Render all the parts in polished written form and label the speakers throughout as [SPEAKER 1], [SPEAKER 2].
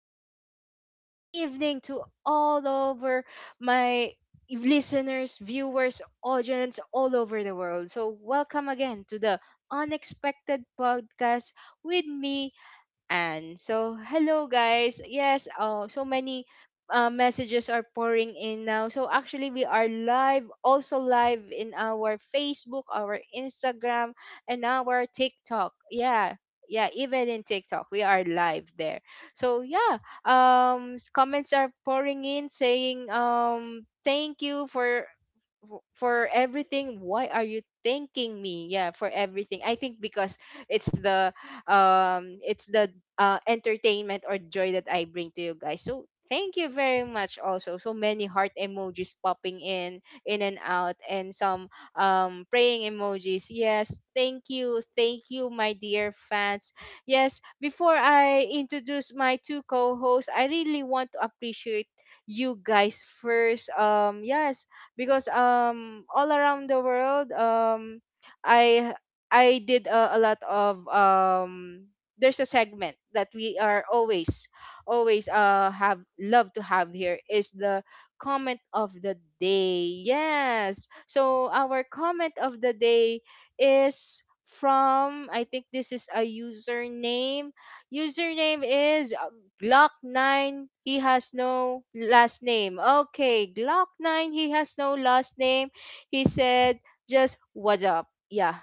[SPEAKER 1] and good evening to all over my listeners, viewers, audience all over the world. So, welcome again to the Unexpected Podcast with me, and so, hello guys. Yes, oh, so many messages are pouring in now. So actually, we are live, also live in our Facebook, our Instagram, and our TikTok. Yeah, yeah, even in TikTok, we are live there. So yeah, comments are pouring in saying thank you for for everything. Why are you thanking me? Yeah, for everything. I think because it's the it's the entertainment or joy that I bring to you guys, so thank you very much. Also so many heart emojis popping in and out and some praying emojis. Yes, thank you, thank you, my dear fans. Yes, before I introduce my two co-hosts, I really want to appreciate you guys first. Yes, because all around the world, um I I did a lot of there's a segment that we are always always have love to have here, is the comment of the day. Yes. So our comment of the day is from, I think this is a username. Username is Glock 9, he has no last name. Okay, Glock 9, he has no last name. He said just "what's up." Yeah.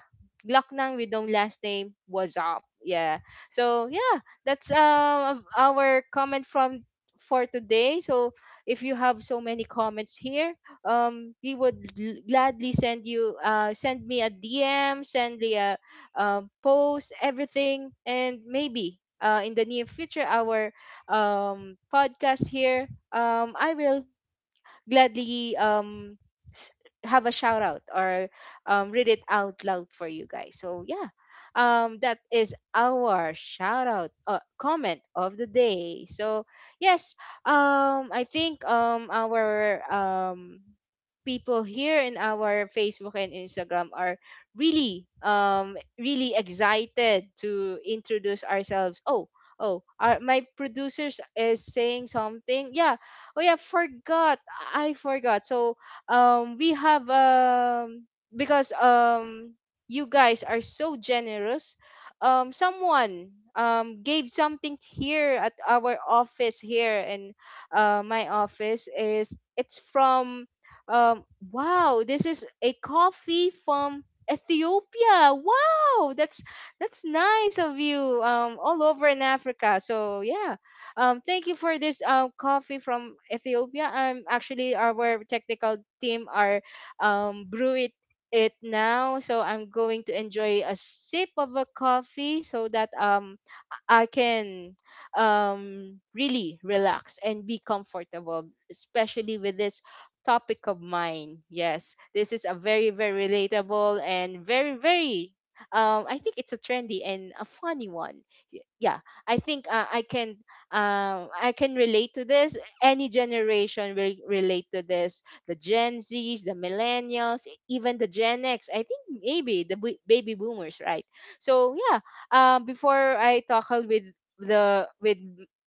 [SPEAKER 1] Glock 9 with no last name, what's up. Yeah. So, yeah, that's our comment from for today. So, if you have so many comments here, we would gladly send me a DM, send me a post, everything, and maybe in the near future our podcast here, I will gladly s- have a shout out or read it out loud for you guys. So yeah, that is our shout out, comment of the day. So yes, I think our people here in our Facebook and Instagram are really excited to introduce ourselves. Oh, oh, my producers is saying something. Yeah, oh yeah, forgot. I forgot. So we have because you guys are so generous. Someone gave something here at our office here, and my office is — it's from um wow, this is a coffee from Ethiopia. Wow, that's nice of you. All over in Africa. So yeah, thank you for this coffee from Ethiopia. Actually, our technical team are brew it now, so I'm going to enjoy a sip of a coffee so that I can really relax and be comfortable, especially with this topic of mine. Yes, this is a very, very relatable and very, very I think it's a trendy and a funny one. Yeah, I think I can relate to this. Any generation will relate to this. The Gen Zs, the Millennials, even the Gen X. I think maybe the baby boomers, right? So yeah. Before I tackle with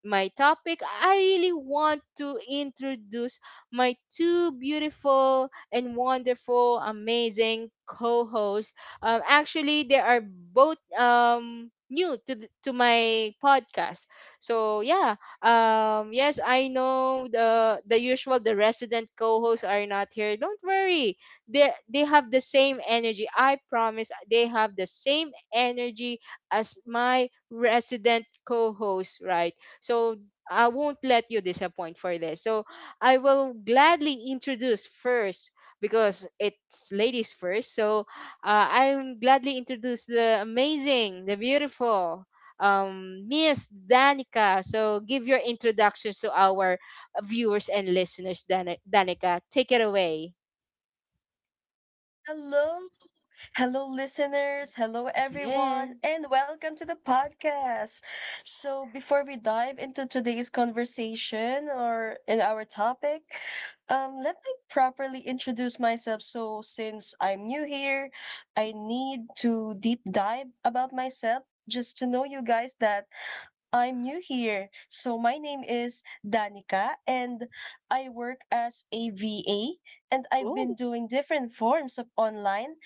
[SPEAKER 1] my topic, I really want to introduce my two beautiful and wonderful, amazing co-hosts. Actually, they are both new to to my podcast. So yeah, yes, I know the usual the resident co-hosts are not here. Don't worry, they have the same energy. I promise, they have the same energy as my resident co-host, right? So I won't let you disappoint for this. So I will gladly introduce first, because it's ladies first. So I'm gladly introduce the amazing, the beautiful, Miss Danica. So give your introductions to our viewers and listeners, Danica. Take it away.
[SPEAKER 2] Hello, hello, listeners. Hello,
[SPEAKER 1] Yeah.
[SPEAKER 2] everyone, and welcome to the podcast. So before we dive into today's conversation or in our topic, let me properly introduce myself. So since I'm new here, I need to deep dive about myself just to know you guys that I'm new here. So my name is Danica and I work as a V A, and I've been
[SPEAKER 1] Oh,
[SPEAKER 2] doing different forms of online,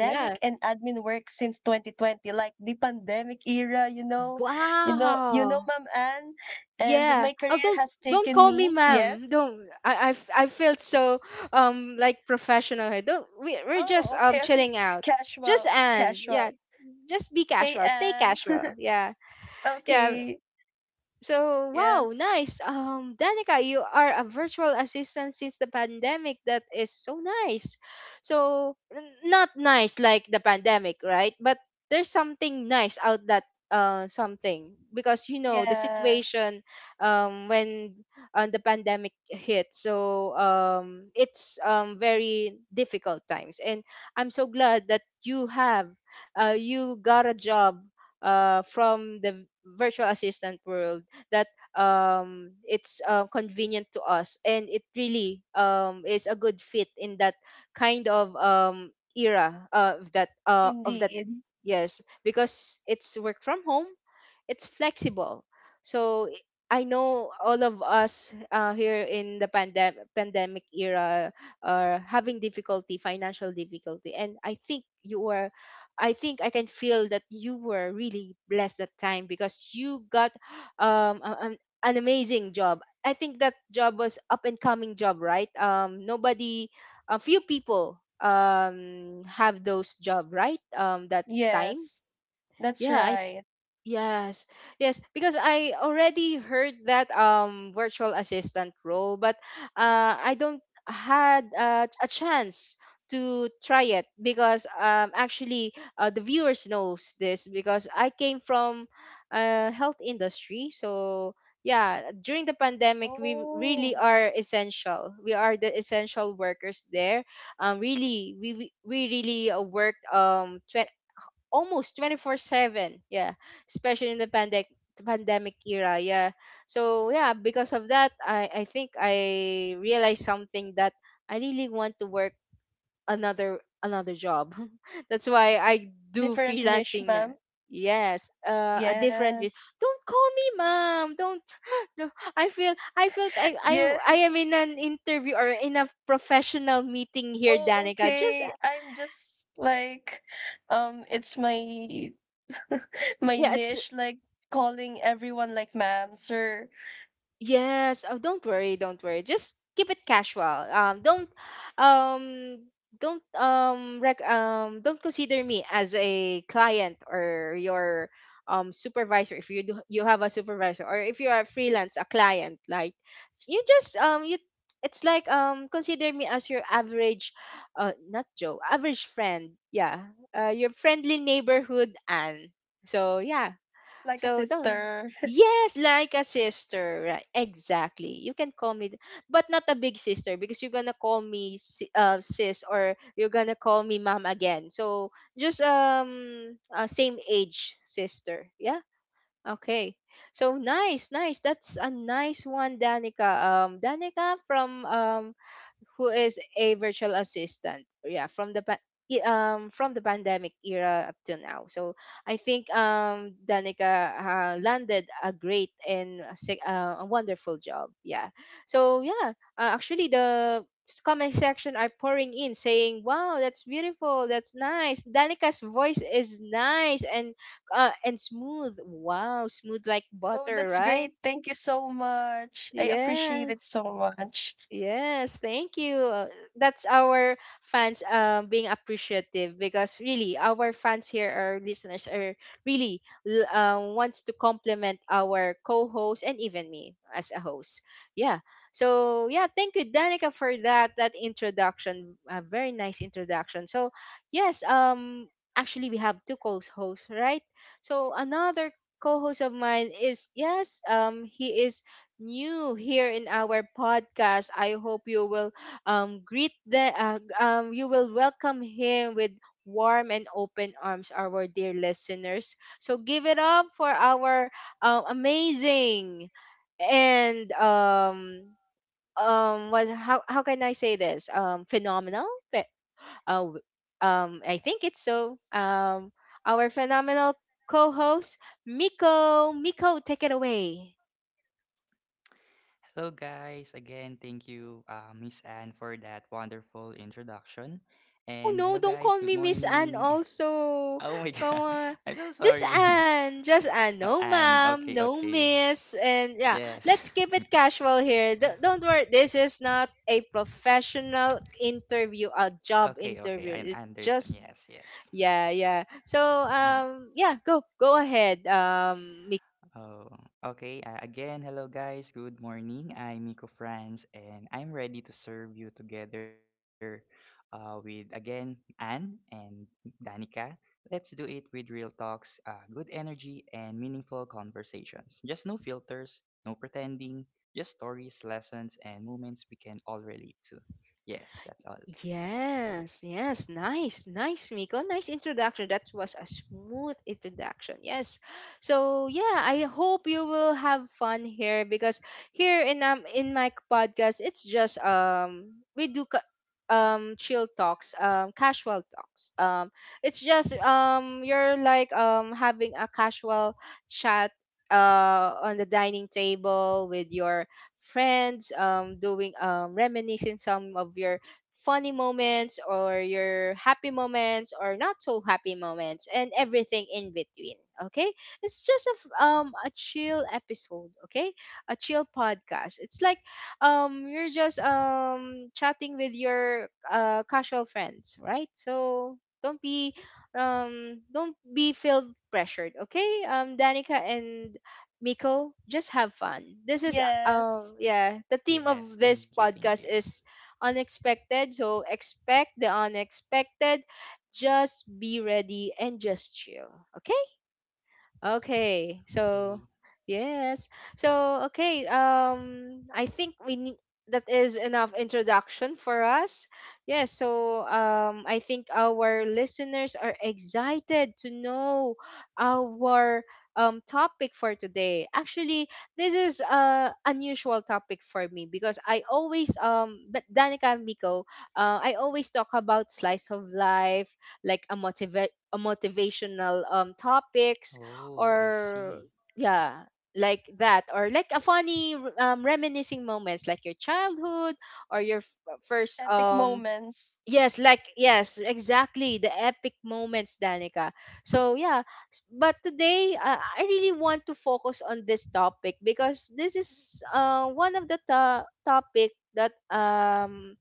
[SPEAKER 1] yeah.
[SPEAKER 2] and admin work since 2020, like the pandemic era, you know
[SPEAKER 1] Wow.
[SPEAKER 2] Ma'am Anne, and
[SPEAKER 1] Yeah.
[SPEAKER 2] my
[SPEAKER 1] Oh,
[SPEAKER 2] career has
[SPEAKER 1] don't
[SPEAKER 2] taken
[SPEAKER 1] call me
[SPEAKER 2] me.
[SPEAKER 1] ma'am.
[SPEAKER 2] Yes.
[SPEAKER 1] Don't. I felt so like professional here. Don't. We're just
[SPEAKER 2] Oh, okay, okay.
[SPEAKER 1] chilling out. Just
[SPEAKER 2] Casual,
[SPEAKER 1] and yeah.
[SPEAKER 2] casual.
[SPEAKER 1] Just be
[SPEAKER 2] Hey
[SPEAKER 1] casual. Stay
[SPEAKER 2] Anne.
[SPEAKER 1] casual. Yeah. Yeah.
[SPEAKER 2] Okay.
[SPEAKER 1] So wow,
[SPEAKER 2] Yes.
[SPEAKER 1] nice. Danica, you are a virtual assistant since the pandemic. That is so nice. So not nice like the pandemic, right? But there's something nice out that something, because you know the
[SPEAKER 2] Yeah,
[SPEAKER 1] situation when the pandemic hit. So it's very difficult times, and I'm so glad that you got a job from the virtual assistant world that it's convenient to us, and it really is a good fit in that kind of era, of that.
[SPEAKER 2] indeed.
[SPEAKER 1] Yes, because it's work from home, it's flexible. So I know all of us here in the pandemic era are having difficulty, financial difficulty, and I think I can feel that you were really blessed that time, because you got um a- an, an amazing job. I think that job was up and coming job, right? Nobody A few people have those job, right? That time.
[SPEAKER 2] Yes, that's
[SPEAKER 1] Yeah I
[SPEAKER 2] right.
[SPEAKER 1] Yes, yes, because I already heard that virtual assistant role, but I don't had a chance to try it, because actually the viewers knows this, because I came from health industry. So yeah, during the pandemic we really
[SPEAKER 2] Oh,
[SPEAKER 1] are essential. We are the essential workers there. Really, we really worked almost 24/7. Yeah, especially in the pandemic era. Yeah. So yeah, because of that, I think I realized something: that I really want to work another job. That's why I do
[SPEAKER 2] different niche,
[SPEAKER 1] freelancing na.
[SPEAKER 2] ma'am.
[SPEAKER 1] Yes, a different way.
[SPEAKER 2] Yes.
[SPEAKER 1] Don't call me mom. Don't. No, I feel I felt I
[SPEAKER 2] Yeah.
[SPEAKER 1] I am in an interview or in a professional meeting here,
[SPEAKER 2] Oh,
[SPEAKER 1] Danica. Just
[SPEAKER 2] okay. I'm just like, it's my my
[SPEAKER 1] yeah, it's
[SPEAKER 2] niche, like calling everyone like ma'am, sir,
[SPEAKER 1] yes. Oh, don't worry, don't worry. Just keep it casual. Um, don't consider me as a client or your supervisor, if you do you have a supervisor, or if you are freelance a client. Like, you just you it's like consider me as your average not Joe average friend, yeah, your friendly neighborhood. And so yeah,
[SPEAKER 2] like a
[SPEAKER 1] so the
[SPEAKER 2] sister.
[SPEAKER 1] yes, like a sister, right? Exactly. You can call me, but not a big sister, because you're gonna call me sis, or you're gonna call me mom again. So just same age sister. Yeah. Okay. So nice, nice. That's a nice one, Danica. Danica from who is a virtual assistant, yeah, from the from the pandemic era up till now. So I think Danica landed a great and a a wonderful job. Yeah, so yeah, actually the comment section are pouring in saying wow, that's beautiful, that's nice. Danica's voice is nice and smooth. Wow, smooth like
[SPEAKER 2] Oh,
[SPEAKER 1] butter,
[SPEAKER 2] that's
[SPEAKER 1] right?
[SPEAKER 2] great. Thank you so much. I appreciate it
[SPEAKER 1] Yes.
[SPEAKER 2] so much.
[SPEAKER 1] Yes, thank you. That's our fans being appreciative, because really our fans here, our listeners are wants to compliment our co-host and even me as a host. Yeah. So yeah, thank you, Danica, for that introduction. A very nice introduction. So yes, actually we have two co-hosts, right? So another co-host of mine is — yes, he is new here in our podcast. I hope you will greet the you will welcome him with warm and open arms, our dear listeners. So give it up for our amazing and what how can I say this, phenomenal — Pe- uh, w- I think it's so our phenomenal co-host Miko. Miko, take it away.
[SPEAKER 3] Hello, guys. Again, thank you, Miss Anne, for that wonderful introduction.
[SPEAKER 1] Oh
[SPEAKER 3] And hello,
[SPEAKER 1] no, don't
[SPEAKER 3] guys.
[SPEAKER 1] call
[SPEAKER 3] Good
[SPEAKER 1] me Miss Anne
[SPEAKER 3] morning.
[SPEAKER 1] also.
[SPEAKER 3] Oh my
[SPEAKER 1] Come
[SPEAKER 3] God,
[SPEAKER 1] on.
[SPEAKER 3] I'm so
[SPEAKER 1] Just
[SPEAKER 3] sorry,
[SPEAKER 1] Anne. Just Anne. No
[SPEAKER 3] Anne.
[SPEAKER 1] ma'am.
[SPEAKER 3] Okay,
[SPEAKER 1] No
[SPEAKER 3] okay.
[SPEAKER 1] miss. And yeah,
[SPEAKER 3] Yes.
[SPEAKER 1] let's keep it casual here. Don't worry. This is not a professional interview, a job
[SPEAKER 3] Okay, okay.
[SPEAKER 1] interview.
[SPEAKER 3] I
[SPEAKER 1] It's
[SPEAKER 3] understand.
[SPEAKER 1] just
[SPEAKER 3] Yes, yes.
[SPEAKER 1] yeah, yeah. So
[SPEAKER 3] Mm.
[SPEAKER 1] yeah, go ahead,
[SPEAKER 3] Oh, okay. Again, hello guys. Good morning. I'm Miko Franz, and I'm ready to serve you together with again Anne and Danica. Let's do it with real talks, good energy, and meaningful conversations. Just no filters, no pretending, just stories, lessons, and moments we can all relate to. Yes, that's all.
[SPEAKER 1] yes, yes, nice, nice, Miko. Nice introduction. That was a smooth introduction. Yes. So yeah, I hope you will have fun here, because here in my podcast, it's just we do chill talks, casual talks. It's just you're like having a casual chat on the dining table with your friends, doing reminiscing some of your funny moments or your happy moments or not so happy moments, and everything in between. Okay, it's just a a chill episode. Okay, a chill podcast. It's like you're just chatting with your casual friends, right? So don't be don't be feel pressured. Okay, Danica and Miko, just have fun. This is
[SPEAKER 2] Yes.
[SPEAKER 1] yeah, the theme of
[SPEAKER 3] Yes,
[SPEAKER 1] this
[SPEAKER 3] thank you, thank
[SPEAKER 1] podcast
[SPEAKER 3] you.
[SPEAKER 1] is unexpected. So expect the unexpected. Just be ready and just chill. Okay? Okay. So,
[SPEAKER 3] Okay.
[SPEAKER 1] yes. So, okay. I think we need — that is enough introduction for us. Yes. So, I think our listeners are excited to know our topic for today. Actually, this is a unusual topic for me because I always but Danica and Miko, I always talk about slice of life, like a motivational topics
[SPEAKER 3] Oh, I
[SPEAKER 1] or
[SPEAKER 3] see.
[SPEAKER 1] yeah like that, or like a funny reminiscing moments like your childhood or your first
[SPEAKER 2] Epic moments.
[SPEAKER 1] yes, like yes, exactly the epic moments, Danica. So yeah, but today, I really want to focus on this topic because this is one of the topic that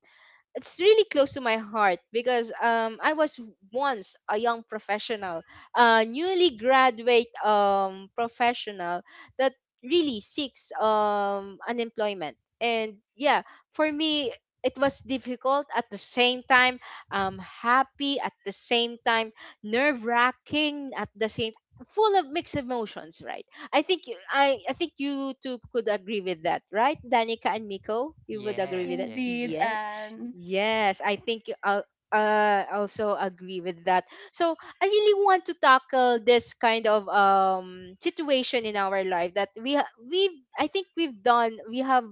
[SPEAKER 1] it's really close to my heart because I was once a young professional, a newly graduate professional that really seeks unemployment. And yeah, for me it was difficult at the same time, happy at the same time, nerve wracking at the same, full of mixed emotions, right? I think you two could agree with that, right? Danica and Miko, you would agree with
[SPEAKER 3] Yes,
[SPEAKER 1] that?
[SPEAKER 3] yes,
[SPEAKER 2] Indeed,
[SPEAKER 3] yes.
[SPEAKER 2] and
[SPEAKER 1] Yes, I think I'll also agree with that. So I really want to tackle this kind of situation in our life that we ha- we I think we've done we have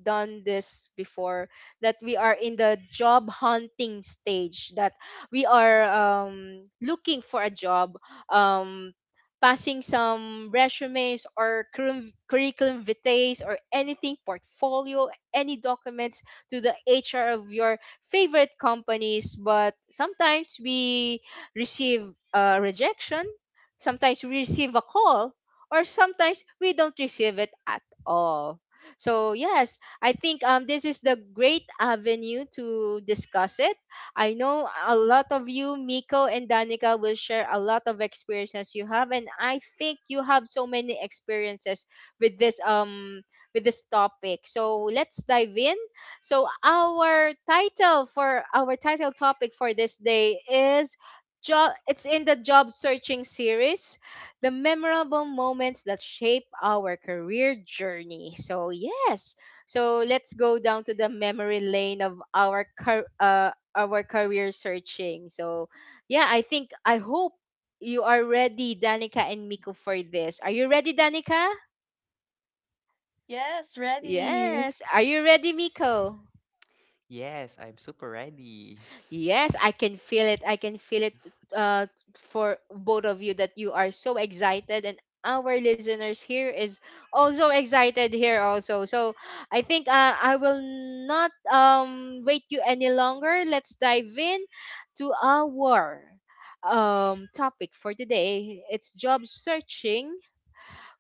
[SPEAKER 1] done this before, that we are in the job hunting stage, that we are looking for a job, um passing some resumes or curriculum vitae or anything, portfolio, any documents to the HR of your favorite companies. But sometimes we receive a rejection, sometimes we receive a call, or sometimes we don't receive it at all. So yes, I think this is the great avenue to discuss it. I know a lot of you, Miko and Danica, will share a lot of experiences you have, and I think you have so many experiences with this with this topic. So let's dive in. So our title, for our title topic for this day is job, it's in the job searching series, the memorable moments that shape our career journey. So yes. So let's go down to the memory lane of our our career searching. So yeah, I think I hope you are ready, Danica and Miko, for this. Are you ready, Danica?
[SPEAKER 2] yes, ready.
[SPEAKER 1] Yes. Are you ready, Miko?
[SPEAKER 3] Yes, I'm super ready.
[SPEAKER 1] Yes, I can feel it. I can feel it, uh, for both of you, that you are so excited, and our listeners here is also excited here also. So I think I will not wait you any longer. Let's dive in to our topic for today. It's job searching,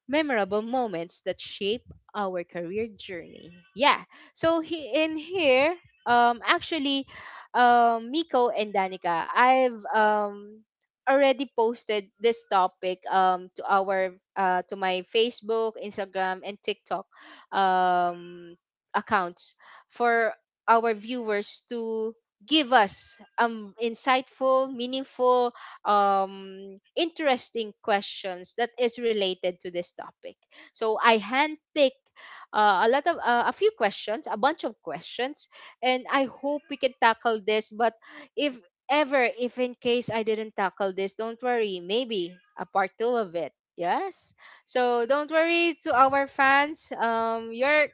[SPEAKER 1] memorable moments that shape our career journey. Yeah. So he, in here, actually, Miko and Danica, I've already posted this topic to my Facebook, Instagram, and TikTok um accounts for our viewers to give us insightful, meaningful, interesting questions that is related to this topic. So I handpicked a lot of a few questions, a bunch of questions, and I hope we can tackle this. But if ever, if in case I didn't tackle this, don't worry. Maybe a part two of it. Yes. So don't worry to our fans. Your,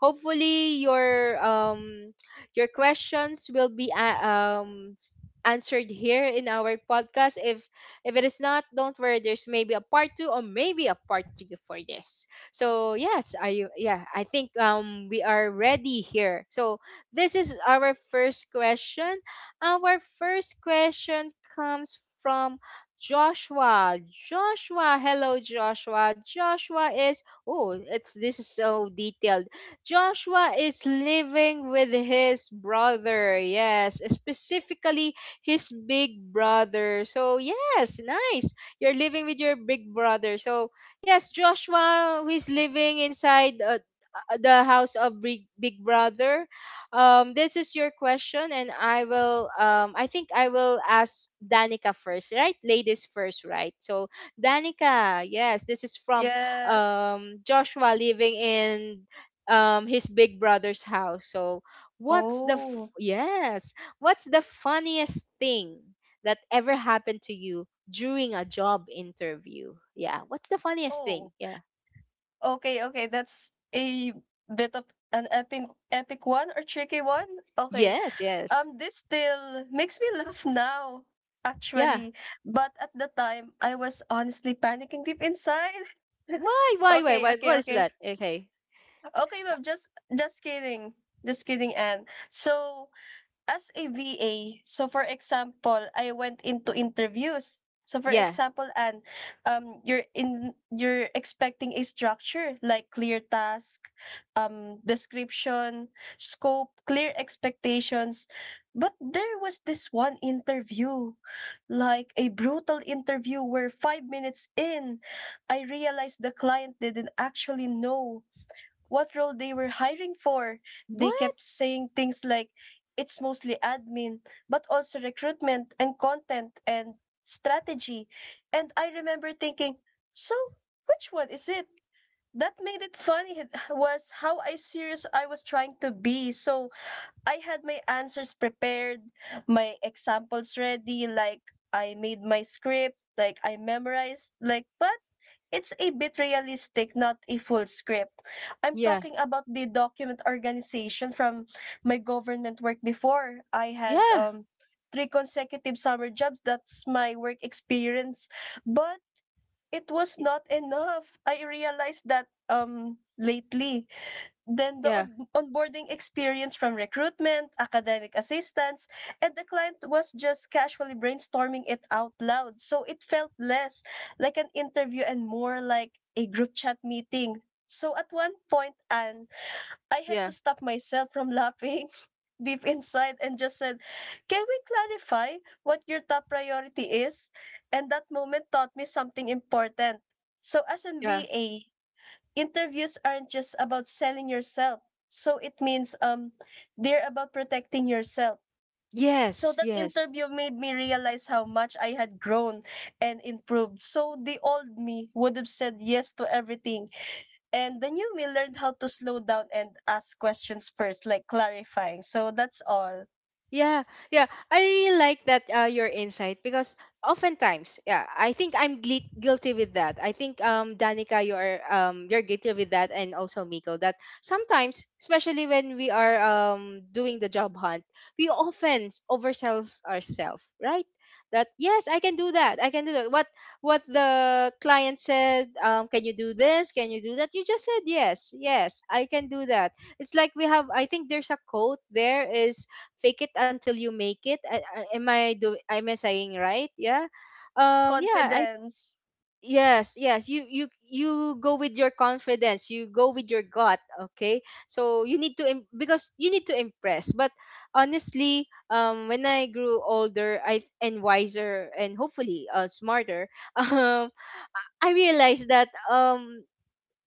[SPEAKER 1] hopefully your your questions will be answered here in our podcast. If it is not, don't worry. There's maybe a part two or maybe a part three for this. So yes, are you? Yeah, I think we are ready here. So this is our first question. Our first question comes from Joshua. Joshua, hello Joshua. Joshua is, oh, it's, this is so detailed. Joshua is living with his brother. Yes, specifically his big brother. So, yes, nice. You're living with your big brother. So, yes, Joshua, who is living inside the house of big, big brother. This is your question, and I will I think I will ask Danica first, right? Ladies first, right? So, Danica, yes, this is from
[SPEAKER 2] Yes.
[SPEAKER 1] Joshua, living in his big brother's house. So
[SPEAKER 2] Oh.
[SPEAKER 1] yes, what's the funniest thing that ever happened to you during a job interview? Yeah, what's the funniest
[SPEAKER 2] Oh,
[SPEAKER 1] thing? Yeah.
[SPEAKER 2] okay, okay, that's a bit of an epic one or tricky one. Okay.
[SPEAKER 1] Yes, yes.
[SPEAKER 2] This still makes me laugh now
[SPEAKER 1] Yeah.
[SPEAKER 2] actually, but at the time I was honestly panicking deep inside.
[SPEAKER 1] why why why
[SPEAKER 2] Okay,
[SPEAKER 1] why
[SPEAKER 2] okay,
[SPEAKER 1] what is
[SPEAKER 2] okay.
[SPEAKER 1] that? Okay.
[SPEAKER 2] Okay, ma'am, just kidding. Just kidding, Anne. So, as a VA, so for example, I went into interviews. So for
[SPEAKER 1] Yeah.
[SPEAKER 2] example, and you're in you're expecting a structure like clear task, description, scope, clear expectations. But there was this one interview, like a brutal interview where 5 minutes in, I realized the client didn't actually know what role they were hiring for. They
[SPEAKER 1] What?
[SPEAKER 2] kept saying things like, it's mostly admin, but also recruitment and content and strategy. And I remember thinking, so which one is it? That made it funny was how I serious I was trying to be. So I had my answers prepared, my examples ready, like I made my script, like I memorized, like but it's a bit realistic, not a full script. I'm
[SPEAKER 1] Yeah,
[SPEAKER 2] talking about the document organization from my government work before. I had
[SPEAKER 1] yeah,
[SPEAKER 2] three consecutive summer jobs. That's my work experience. But it was
[SPEAKER 1] y-
[SPEAKER 2] not enough. I realized that lately. Then the
[SPEAKER 1] yeah,
[SPEAKER 2] onboarding experience from recruitment, academic assistance, and the client was just casually brainstorming it out loud. So it felt less like an interview and more like a group chat meeting. So at one point, and I had
[SPEAKER 1] yeah,
[SPEAKER 2] to stop myself from laughing deep inside and just said, can we clarify what your top priority is? And that moment taught me something important. So as an
[SPEAKER 1] yeah.
[SPEAKER 2] VA, interviews aren't just about selling yourself. So it means they're about protecting yourself. So
[SPEAKER 1] Yes,
[SPEAKER 2] that
[SPEAKER 1] yes.
[SPEAKER 2] interview made me realize how much I had grown and improved. So the old me would have said yes to everything. And the new me learned how to slow down and ask questions first, like clarifying. So that's all.
[SPEAKER 1] Yeah, yeah. I really like that, your insight, because oftentimes, yeah, I think I'm guilty with that. I think Danica, you are you're guilty with that, and also Miko, that sometimes, especially when we are doing the job hunt, we often oversells ourselves, right? That yes, I can do that. I can do that. What the client said, can you do this? Can you do that? You just said yes, yes, I can do that. It's like we have. I think there's a quote, there is fake it until you make it. I, am I do? Am I saying right? Yeah. Yeah. I
[SPEAKER 2] Confidence.
[SPEAKER 1] yes. Yes. You go with your confidence. You go with your gut. Okay. So you need to because you need to impress. But honestly, when I grew older, I and wiser and hopefully smarter, um, I realized that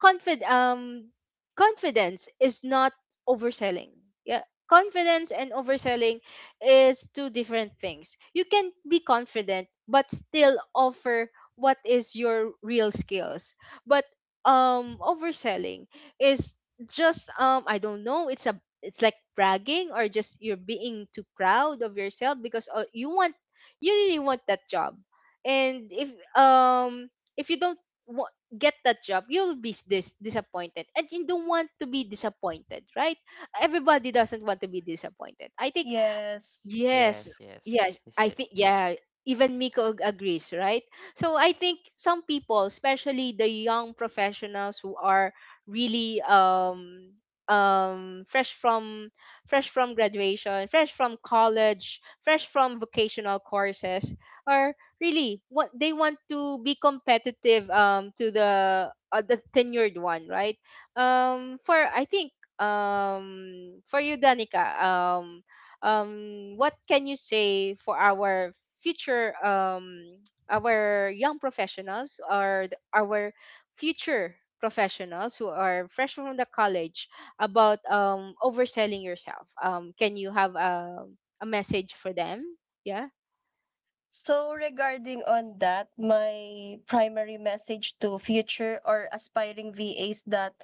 [SPEAKER 1] confid um confidence is not overselling. Yeah. Confidence and overselling is two different things. You can be confident but still offer what is your real skills. But overselling is just I don't know, it's a, it's like bragging or just you're being too proud of yourself because you want, you really want that job. And if you don't get that job, you'll be disappointed. And you don't want to be disappointed, right? Everybody doesn't want to be disappointed. I think
[SPEAKER 2] Yes.
[SPEAKER 1] yes,
[SPEAKER 3] Yes, yes.
[SPEAKER 1] yes,
[SPEAKER 3] Is
[SPEAKER 1] I
[SPEAKER 3] it?
[SPEAKER 1] think yeah, even Miko agrees, right? So I think some people, especially the young professionals who are really um fresh from fresh from graduation, fresh from college, fresh from vocational courses, are really what they want to be competitive to the tenured one, right? For, I think for you Danica, what can you say for our future our young professionals or our future professionals who are fresh from the college about overselling yourself? Can you have a message for them? Yeah.
[SPEAKER 2] So regarding on that, my primary message to future or aspiring VAs that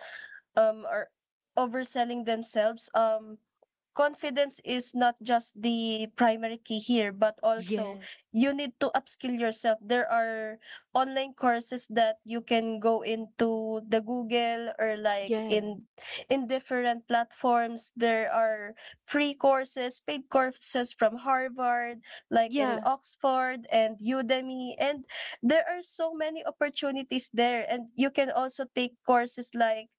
[SPEAKER 2] are overselling themselves, confidence is not just the primary key here, but also
[SPEAKER 1] Yes.
[SPEAKER 2] you need to upskill yourself. There are online courses that you can go into the Google or like
[SPEAKER 1] Yeah,
[SPEAKER 2] in different platforms. There are free courses, paid courses from Harvard, like in
[SPEAKER 1] yeah.
[SPEAKER 2] Oxford and Udemy. And there are so many opportunities there. And you can also take courses like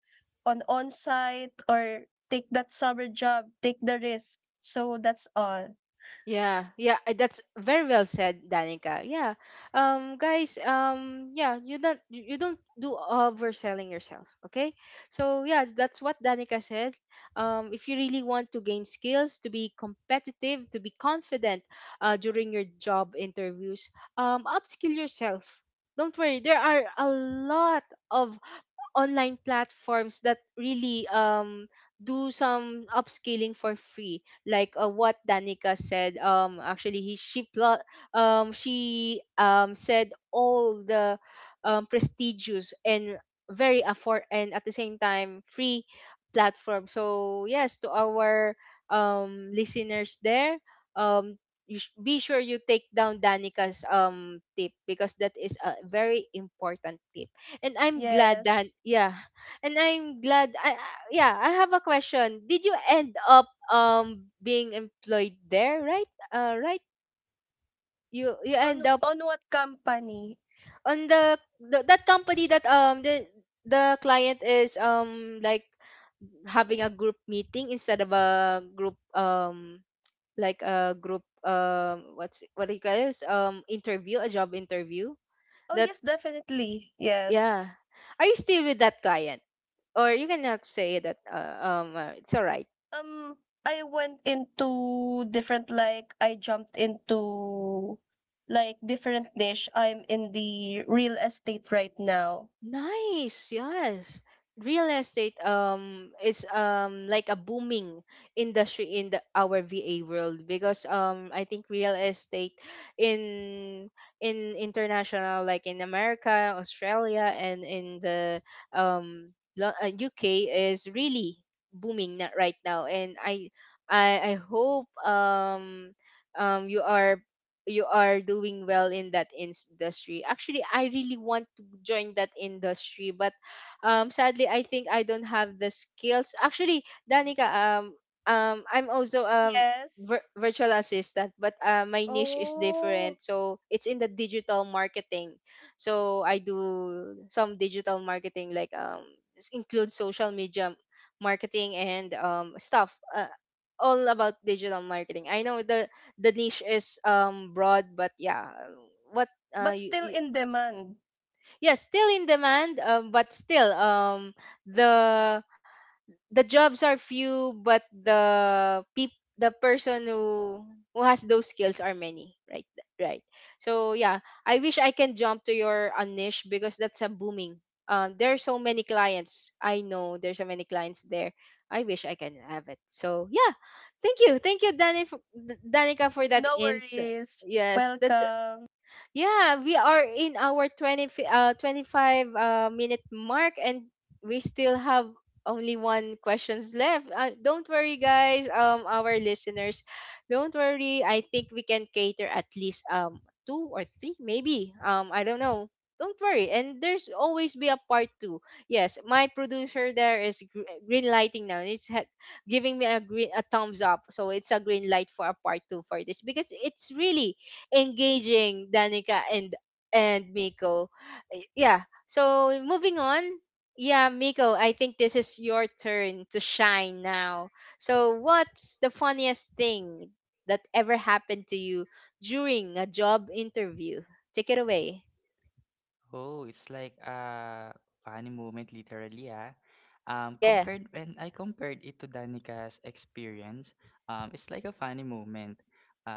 [SPEAKER 2] on site or take that summer job, take the risk. So that's all.
[SPEAKER 1] Yeah, yeah, that's very well said, Danica. Yeah, guys, yeah, you don't do overselling yourself, okay? So yeah, that's what Danica said. If you really want to gain skills, to be competitive, to be confident, during your job interviews, upskill yourself. Don't worry, there are a lot of online platforms that really do some upscaling for free, like what Danica said. Actually, he she she said all the prestigious and very afford and at the same time free platform. So yes, to our listeners there, um be sure you take down Danica's tip, because that is a very important tip. And I'm glad that,
[SPEAKER 2] Yes.
[SPEAKER 1] yeah, and I'm glad yeah, I have a question. Did you end up being employed there, right? Uh, right? You end up
[SPEAKER 2] On what company?
[SPEAKER 1] on the that company, that the client is like having a group meeting instead of a group like a group, what's, what do you call this, interview, a job interview,
[SPEAKER 2] Oh
[SPEAKER 1] that
[SPEAKER 2] yes, definitely. Yes.
[SPEAKER 1] yeah, are you still with that client, or you cannot say that? It's alright.
[SPEAKER 2] Um I went into different like I jumped into like different niche. I'm in the real estate right now.
[SPEAKER 1] Nice, yes. Real estate is like a booming industry in the our VA world, because I think real estate in in international, like in America, Australia, and in the UK is really booming right now, and I, I hope you are, you are doing well in that industry. Actually, I really want to join that industry, but sadly, I think I don't have the skills. Actually, Danica, I'm also a
[SPEAKER 2] Yes.
[SPEAKER 1] virtual assistant, but my niche is
[SPEAKER 2] Oh,
[SPEAKER 1] different. So it's in the digital marketing. So I do some digital marketing, like include social media marketing and stuff. All about digital marketing. I know the niche is broad, but what uh
[SPEAKER 2] but
[SPEAKER 1] you,
[SPEAKER 2] still
[SPEAKER 1] you,
[SPEAKER 2] in demand.
[SPEAKER 1] yes, still in demand. But still the the jobs are few, but the person who has those skills are many, right? Right. So yeah, I wish I can jump to your niche because that's a booming. There are so many clients. I know there's so many clients there. I wish I can have it, so yeah. Thank you, thank you, Danica, for that
[SPEAKER 2] No
[SPEAKER 1] ins
[SPEAKER 2] worries.
[SPEAKER 1] yes that's
[SPEAKER 2] Welcome.
[SPEAKER 1] yeah we are in our 25 minute mark, and we still have only one questions left. Don't worry, guys, our listeners, don't worry. I think we can cater at least two or three, maybe. I don't know. Don't worry, and there's always be a part two. Yes, my producer there is green lighting now. Giving me a green a thumbs up, so it's a green light for a part two for this because it's really engaging, Danica and Miko. Yeah. So moving on. Yeah, Miko, I think this is your turn to shine now. So what's the funniest thing that ever happened to you during a job interview? Take it away.
[SPEAKER 3] Oh, it's like a funny moment, literally, ah.
[SPEAKER 1] Yeah.
[SPEAKER 3] Compared when I compared it to Danica's experience, it's like a funny moment.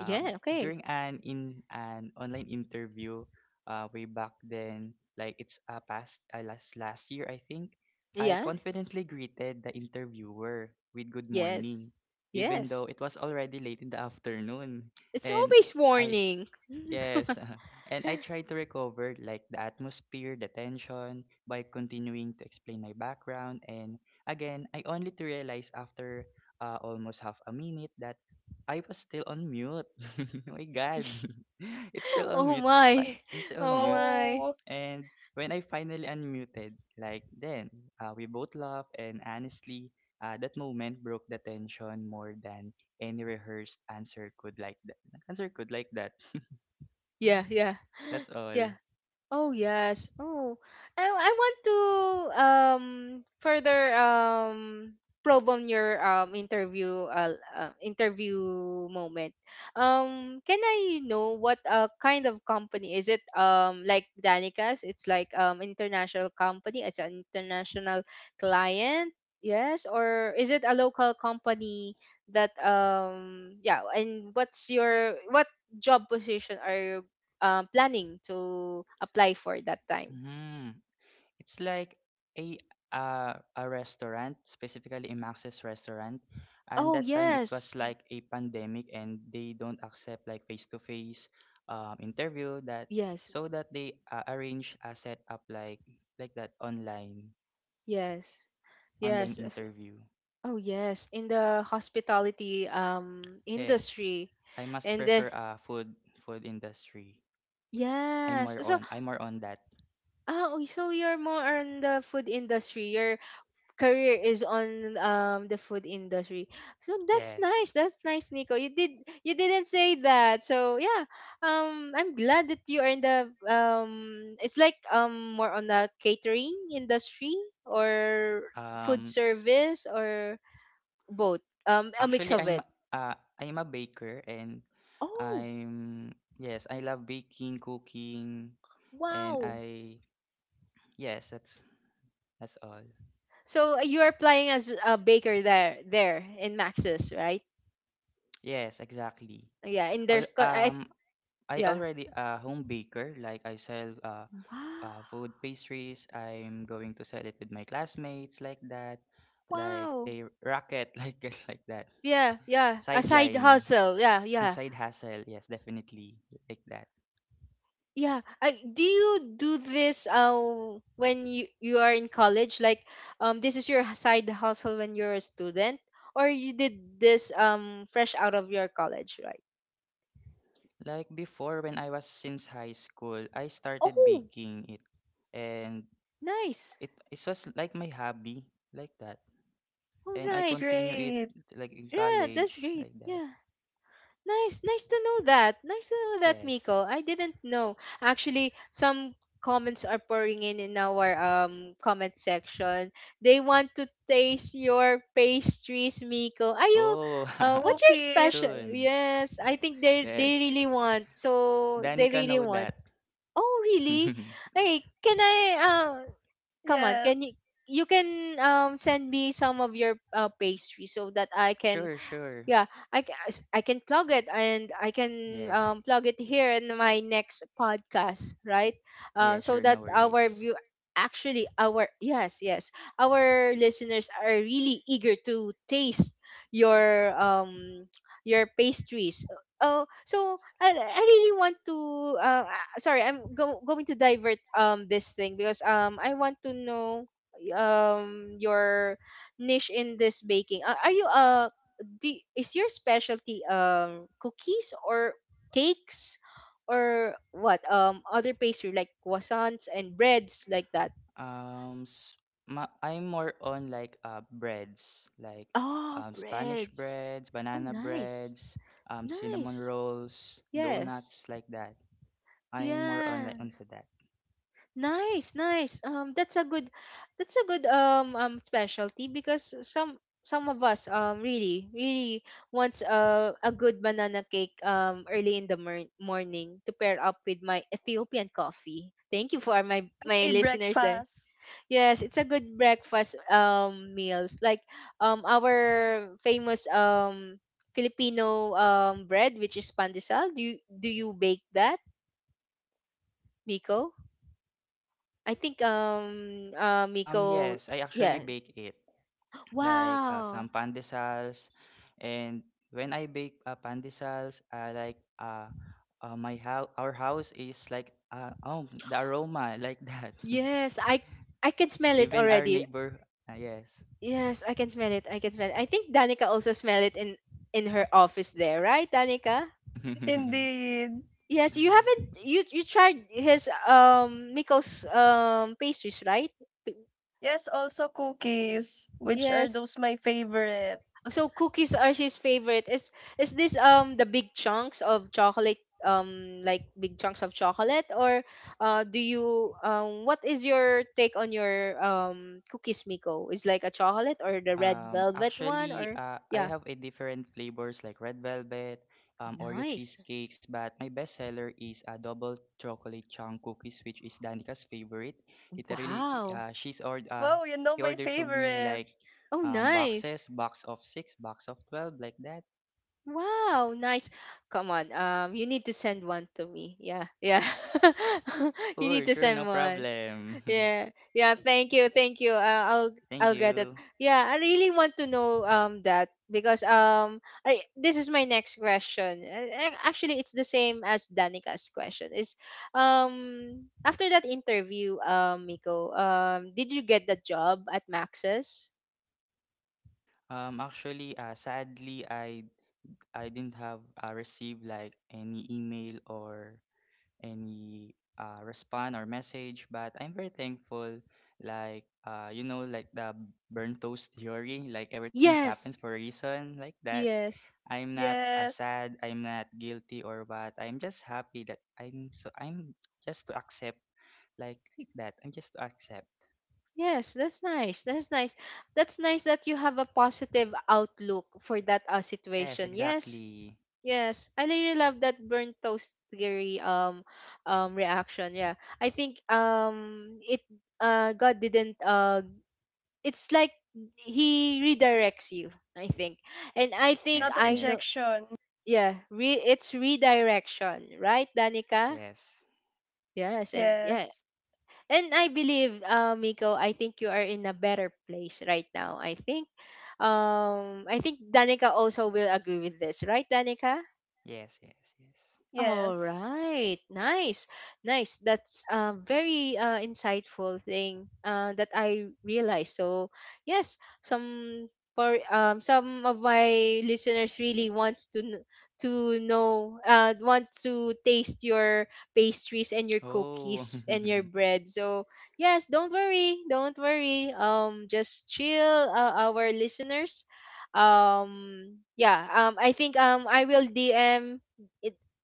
[SPEAKER 1] Yeah, okay.
[SPEAKER 3] During an online interview, way back then, like it's a past last year, I think. I
[SPEAKER 1] Yes.
[SPEAKER 3] confidently greeted the interviewer with good
[SPEAKER 1] Yes.
[SPEAKER 3] morning, even though
[SPEAKER 1] Yes.
[SPEAKER 3] it was already late in the afternoon,
[SPEAKER 1] It's
[SPEAKER 3] and
[SPEAKER 1] always
[SPEAKER 3] I
[SPEAKER 1] warning. Come on.
[SPEAKER 3] Yes, and I tried to recover like the atmosphere, the tension by continuing to explain my background. And again, I only to realize after almost half a minute that I was still on mute. Oh my God, it's still on
[SPEAKER 1] Oh
[SPEAKER 3] mute.
[SPEAKER 1] my.
[SPEAKER 3] Well, it's still on
[SPEAKER 1] Oh
[SPEAKER 3] mute.
[SPEAKER 1] my.
[SPEAKER 2] Oh,
[SPEAKER 3] And when I finally unmuted, like then we both laughed, and honestly, that moment broke the tension more than any rehearsed answer could like that. Answer could like that.
[SPEAKER 1] Yeah, yeah.
[SPEAKER 3] That's all.
[SPEAKER 1] Yeah. Oh yes. Oh, I want to um further probe on your interview interview moment. Can I know what kind of company is it? Like Danica's, it's like international company. It's an international client. Yes, or is it a local company that yeah? And what job position are you planning to apply for that time.
[SPEAKER 3] Hmm. It's like a uh, a restaurant, specifically a Max's restaurant. And
[SPEAKER 1] Oh
[SPEAKER 3] that time it was
[SPEAKER 1] yes,
[SPEAKER 3] like a pandemic and they don't accept like face-to-face interview that
[SPEAKER 1] yes,
[SPEAKER 3] so that they arrange a setup like that online
[SPEAKER 1] yes,
[SPEAKER 3] online
[SPEAKER 1] yes. Of-
[SPEAKER 3] interview.
[SPEAKER 1] Oh yes, in the hospitality
[SPEAKER 3] Yes.
[SPEAKER 1] industry,
[SPEAKER 3] I must
[SPEAKER 1] and the
[SPEAKER 3] prefer food food industry. I'm
[SPEAKER 1] yes.
[SPEAKER 3] more
[SPEAKER 1] So
[SPEAKER 3] on I'm more on that.
[SPEAKER 1] oh, so you're more on the food industry. You're career is on the food industry. So that's
[SPEAKER 3] Yes.
[SPEAKER 1] nice. That's nice, Nico. You didn't say that. So yeah, I'm glad that you are in the It's like more on the catering industry or food
[SPEAKER 3] Um.
[SPEAKER 1] service or both. A mix
[SPEAKER 3] Actually,
[SPEAKER 1] of it.
[SPEAKER 3] I'm a baker and
[SPEAKER 1] Oh
[SPEAKER 3] I'm, yes, I love baking, cooking, and
[SPEAKER 1] wow.
[SPEAKER 3] I, yes, that's all.
[SPEAKER 1] So you are applying as a baker there in Max's, right?
[SPEAKER 3] Yes, exactly.
[SPEAKER 1] Yeah, in their
[SPEAKER 3] Al- Um,
[SPEAKER 1] I,
[SPEAKER 3] I
[SPEAKER 1] yeah.
[SPEAKER 3] already a home baker. Like I sell
[SPEAKER 1] Wow.
[SPEAKER 3] food pastries. I'm going to sell it with my classmates like that, like
[SPEAKER 1] Wow.
[SPEAKER 3] a racket like that.
[SPEAKER 1] Yeah, yeah. A side
[SPEAKER 3] Sideline,
[SPEAKER 1] hustle. Yeah,
[SPEAKER 3] a
[SPEAKER 1] yeah.
[SPEAKER 3] side hustle. Yes, definitely like that.
[SPEAKER 1] Yeah. I, do you do this when you are in college? Like this is your side hustle when you're a student? Or you did this fresh out of your college, right?
[SPEAKER 3] Like before, when I was since high school, I started
[SPEAKER 1] Oh
[SPEAKER 3] baking it, and
[SPEAKER 1] nice.
[SPEAKER 3] it it was like my hobby, like that.
[SPEAKER 1] Oh
[SPEAKER 3] And I
[SPEAKER 2] that's
[SPEAKER 1] nice.
[SPEAKER 3] continue it
[SPEAKER 2] great.
[SPEAKER 3] like in
[SPEAKER 1] Yeah, that's
[SPEAKER 3] college,
[SPEAKER 1] great.
[SPEAKER 3] like that.
[SPEAKER 1] Yeah. Nice, nice to know that. Nice to know that,
[SPEAKER 3] Yes.
[SPEAKER 1] Miko. I didn't know. Actually, some comments are pouring in our comment section. They want to taste your pastries, Miko. Are you?
[SPEAKER 3] Oh,
[SPEAKER 1] What's your
[SPEAKER 2] Cookies.
[SPEAKER 1] special?
[SPEAKER 3] soon.
[SPEAKER 1] Yes, I think they
[SPEAKER 3] Yes.
[SPEAKER 1] really want. So they
[SPEAKER 3] Danica
[SPEAKER 1] really
[SPEAKER 3] know
[SPEAKER 1] want.
[SPEAKER 3] that.
[SPEAKER 1] Oh, really? Hey, can I? Come on.
[SPEAKER 2] Yes,
[SPEAKER 1] Can you? You can send me some of your pastry so that I can
[SPEAKER 3] Sure, sure.
[SPEAKER 1] yeah. I can I can plug it, and I can
[SPEAKER 3] Yes.
[SPEAKER 1] plug it here in my next podcast, right?
[SPEAKER 3] Yeah,
[SPEAKER 1] So
[SPEAKER 3] sure.
[SPEAKER 1] that
[SPEAKER 3] No
[SPEAKER 1] our
[SPEAKER 3] worries.
[SPEAKER 1] view actually our yes, yes, our listeners are really eager to taste your um your pastries. I really want to sorry, going to divert this thing because I want to know your niche in this baking. Are you a do is your specialty cookies or cakes or what other pastry like croissants and breads, like that?
[SPEAKER 3] S- ma I'm more on like breads, like
[SPEAKER 1] Oh
[SPEAKER 3] Spanish
[SPEAKER 1] breads.
[SPEAKER 3] breads,
[SPEAKER 1] Oh
[SPEAKER 3] banana
[SPEAKER 1] nice.
[SPEAKER 3] breads, cinnamon
[SPEAKER 1] Nice.
[SPEAKER 3] rolls,
[SPEAKER 1] Yes,
[SPEAKER 3] donuts like that. I'm more on like
[SPEAKER 1] yes.
[SPEAKER 3] onto that.
[SPEAKER 1] Nice, nice. That's a good, that's a good specialty because some of us really really wants a good banana cake early in the morning to pair up with my Ethiopian coffee. Thank you for my
[SPEAKER 2] as
[SPEAKER 1] my
[SPEAKER 2] a
[SPEAKER 1] listeners there.
[SPEAKER 2] breakfast.
[SPEAKER 1] Yes, it's a good breakfast meals like our famous Filipino bread, which is pandesal. Do you bake that, Miko? I think Miko,
[SPEAKER 3] Yes, I actually
[SPEAKER 1] yeah.
[SPEAKER 3] bake it like some
[SPEAKER 1] Wow.
[SPEAKER 3] pandesals, and when I bake pandesals, I like my house, our house is like uh oh the aroma like that.
[SPEAKER 1] Yes, I can smell it
[SPEAKER 3] Even our
[SPEAKER 1] already.
[SPEAKER 3] neighbor, yes.
[SPEAKER 1] Yes, I can smell it. I can smell it. I think Danica also smell it in her office there, right, Danica?
[SPEAKER 2] Indeed.
[SPEAKER 1] Yes, you haven't you you tried his Miko's pastries, right? P-
[SPEAKER 2] Yes, also cookies, which are
[SPEAKER 1] Yes,
[SPEAKER 2] those my favorite.
[SPEAKER 1] so cookies are his favorite. Is this the big chunks of chocolate like big chunks of chocolate or do you what is your take on your cookies, Miko? Is like a chocolate or the red velvet one
[SPEAKER 3] Actually,
[SPEAKER 1] or
[SPEAKER 3] I
[SPEAKER 1] yeah.
[SPEAKER 3] have a different flavors like red velvet, Oreo
[SPEAKER 1] Nice.
[SPEAKER 3] cheesecakes, but my best seller is a double chocolate chunk cookies, which is Danica's favorite. Literally,
[SPEAKER 1] Wow.
[SPEAKER 3] she's ordered,
[SPEAKER 2] Wow, you know
[SPEAKER 3] he
[SPEAKER 2] my
[SPEAKER 3] ordered to me
[SPEAKER 2] favorite.
[SPEAKER 3] like
[SPEAKER 1] Oh
[SPEAKER 3] boxes,
[SPEAKER 1] nice.
[SPEAKER 3] box of six, box of 12, like that.
[SPEAKER 1] Wow, nice. Come on. You need to send one to me. Yeah. Yeah. You need
[SPEAKER 3] Sure,
[SPEAKER 1] to
[SPEAKER 3] sure,
[SPEAKER 1] send
[SPEAKER 3] no
[SPEAKER 1] one.
[SPEAKER 3] problem.
[SPEAKER 1] Yeah, yeah. Thank you, thank you. I'll
[SPEAKER 3] Thank
[SPEAKER 1] get it.
[SPEAKER 3] you.
[SPEAKER 1] Yeah, I really want to know that because I, this is my next question. Actually, it's the same as Danica's question. Is after that interview, Miko, did you get the job at Max's?
[SPEAKER 3] Actually, sadly, I didn't have received like any email or any respond or message, but I'm very thankful, like you know, like the burn toast theory, like everything's happens
[SPEAKER 1] Yes,
[SPEAKER 3] for a reason, like that.
[SPEAKER 1] yes.
[SPEAKER 3] I'm not
[SPEAKER 2] Yes,
[SPEAKER 3] sad, I'm not guilty or what, I'm just happy that I'm so I'm just to accept like that, I'm just to accept.
[SPEAKER 1] Yes, that's nice. That's nice. That's nice that you have a positive outlook for that
[SPEAKER 3] Yes,
[SPEAKER 1] situation. Yes,
[SPEAKER 3] exactly.
[SPEAKER 1] yes, I really love that burnt toast theory reaction. Yeah. I think it God didn't it's like he redirects you, I think. And I think
[SPEAKER 2] not
[SPEAKER 3] Yes,
[SPEAKER 1] I know
[SPEAKER 3] yes,
[SPEAKER 2] rejection.
[SPEAKER 1] yeah, it's redirection, right, Danica?
[SPEAKER 3] yes.
[SPEAKER 1] Yes, and yeah.
[SPEAKER 2] Yes,
[SPEAKER 1] And I believe Miko, I think you are in a better place right now. I think Danica also will agree with this, right, Danica?
[SPEAKER 3] Yes, yes, yes.
[SPEAKER 1] All
[SPEAKER 2] yes.
[SPEAKER 1] right, nice, nice. That's a very insightful thing that I realized. So yes, some for some of my listeners really wants to to know want to taste your pastries and your
[SPEAKER 3] Oh,
[SPEAKER 1] cookies and your bread. So yes, don't worry, don't worry. Just chill, our listeners. Yeah. I think I will DM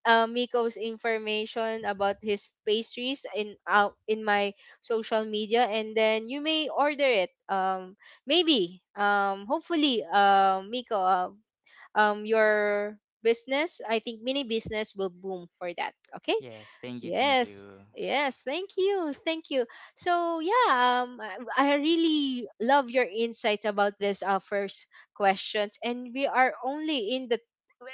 [SPEAKER 1] Miko's information about his pastries in out in my social media, and then you may order it. Maybe, hopefully, Miko, your business, I think mini business will boom for that. Okay.
[SPEAKER 3] yes, thank you, thank
[SPEAKER 1] Yes.
[SPEAKER 3] you.
[SPEAKER 1] Yes, thank you. Thank you. So, yeah, I really love your insights about this first questions, and we are only in the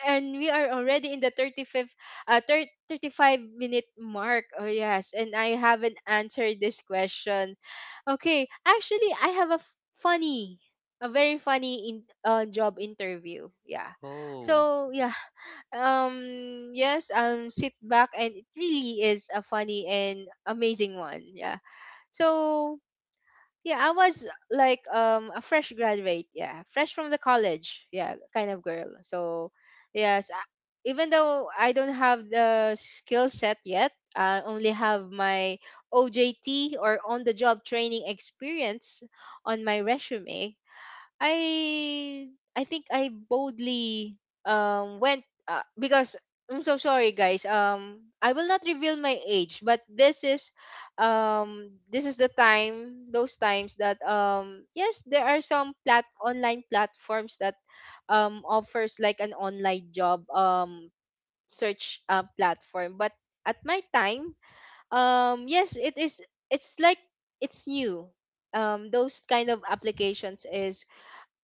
[SPEAKER 1] and we are already in the 35th 30, 35-minute mark. Oh yes, and I haven't answered this question. Okay, actually I have a funny a very funny in job interview. Yeah.
[SPEAKER 3] Oh.
[SPEAKER 1] So, yeah, yes, sit back, and it really is a funny and amazing one. Yeah. So yeah, I was like a fresh graduate. Yeah, fresh from the college, yeah, kind of girl. So yes, I, even though I don't have the skill set yet, I only have my ojt or on the job training experience on my resume. I I think I boldly went because I'm so sorry, guys. Um, I will not reveal my age, but this is the time those times that yes, there are some plat online platforms that offers like an online job search platform, but at my time, yes, it is it's new. Those kind of applications is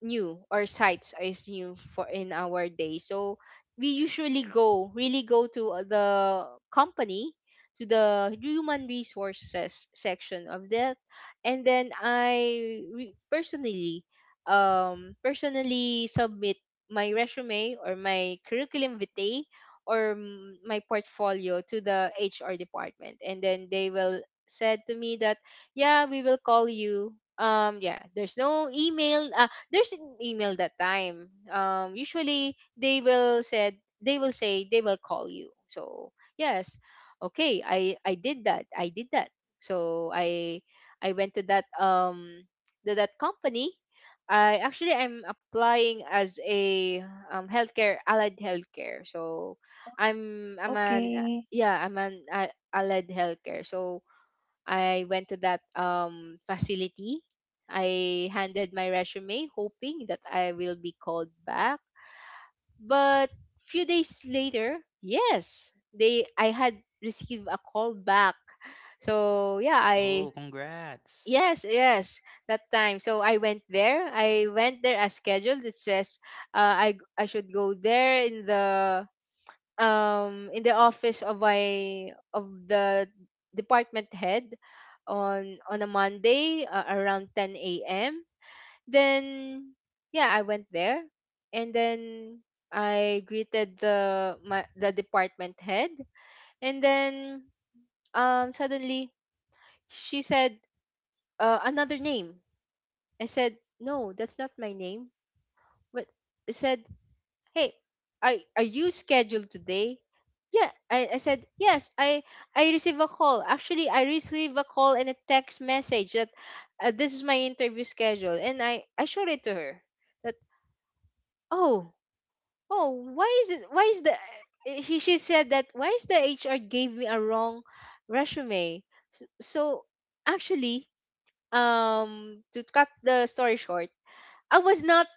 [SPEAKER 1] new or sites is new for in our day. So we usually go really go to the company, to the human resources section of that, and then I personally personally submit my resume or my curriculum vitae or my portfolio to the HR department, and then they will said to me that yeah, we will call you. Yeah, there's no email. There's an email that time. Usually they will said they will say they will call you. So yes, okay. I did that. I did that. So I went to that company. I actually, I'm applying as a healthcare, allied healthcare. So I'm an
[SPEAKER 2] Okay.
[SPEAKER 1] yeah, I'm an allied healthcare. So I went to that facility. I handed my resume, hoping that I will be called back. But few days later, yes, they I had received a call back. So yeah, I
[SPEAKER 3] Oh, congrats.
[SPEAKER 1] yes, yes, that time. So I went there. I went there as scheduled. It says I should go there in the office of my of the department head on a Monday around 10 a.m. Then yeah, I went there, and then I greeted the my the department head, and then suddenly she said another name. I said no, that's not my name. But I said hey, are you scheduled today? Yeah, I said yes. I receive a call. Actually, I receive a call and a text message that this is my interview schedule, and I showed it to her that oh, oh why is it why is the eh, she said that why is the HR gave me a wrong resume. So actually to cut the story short, I was not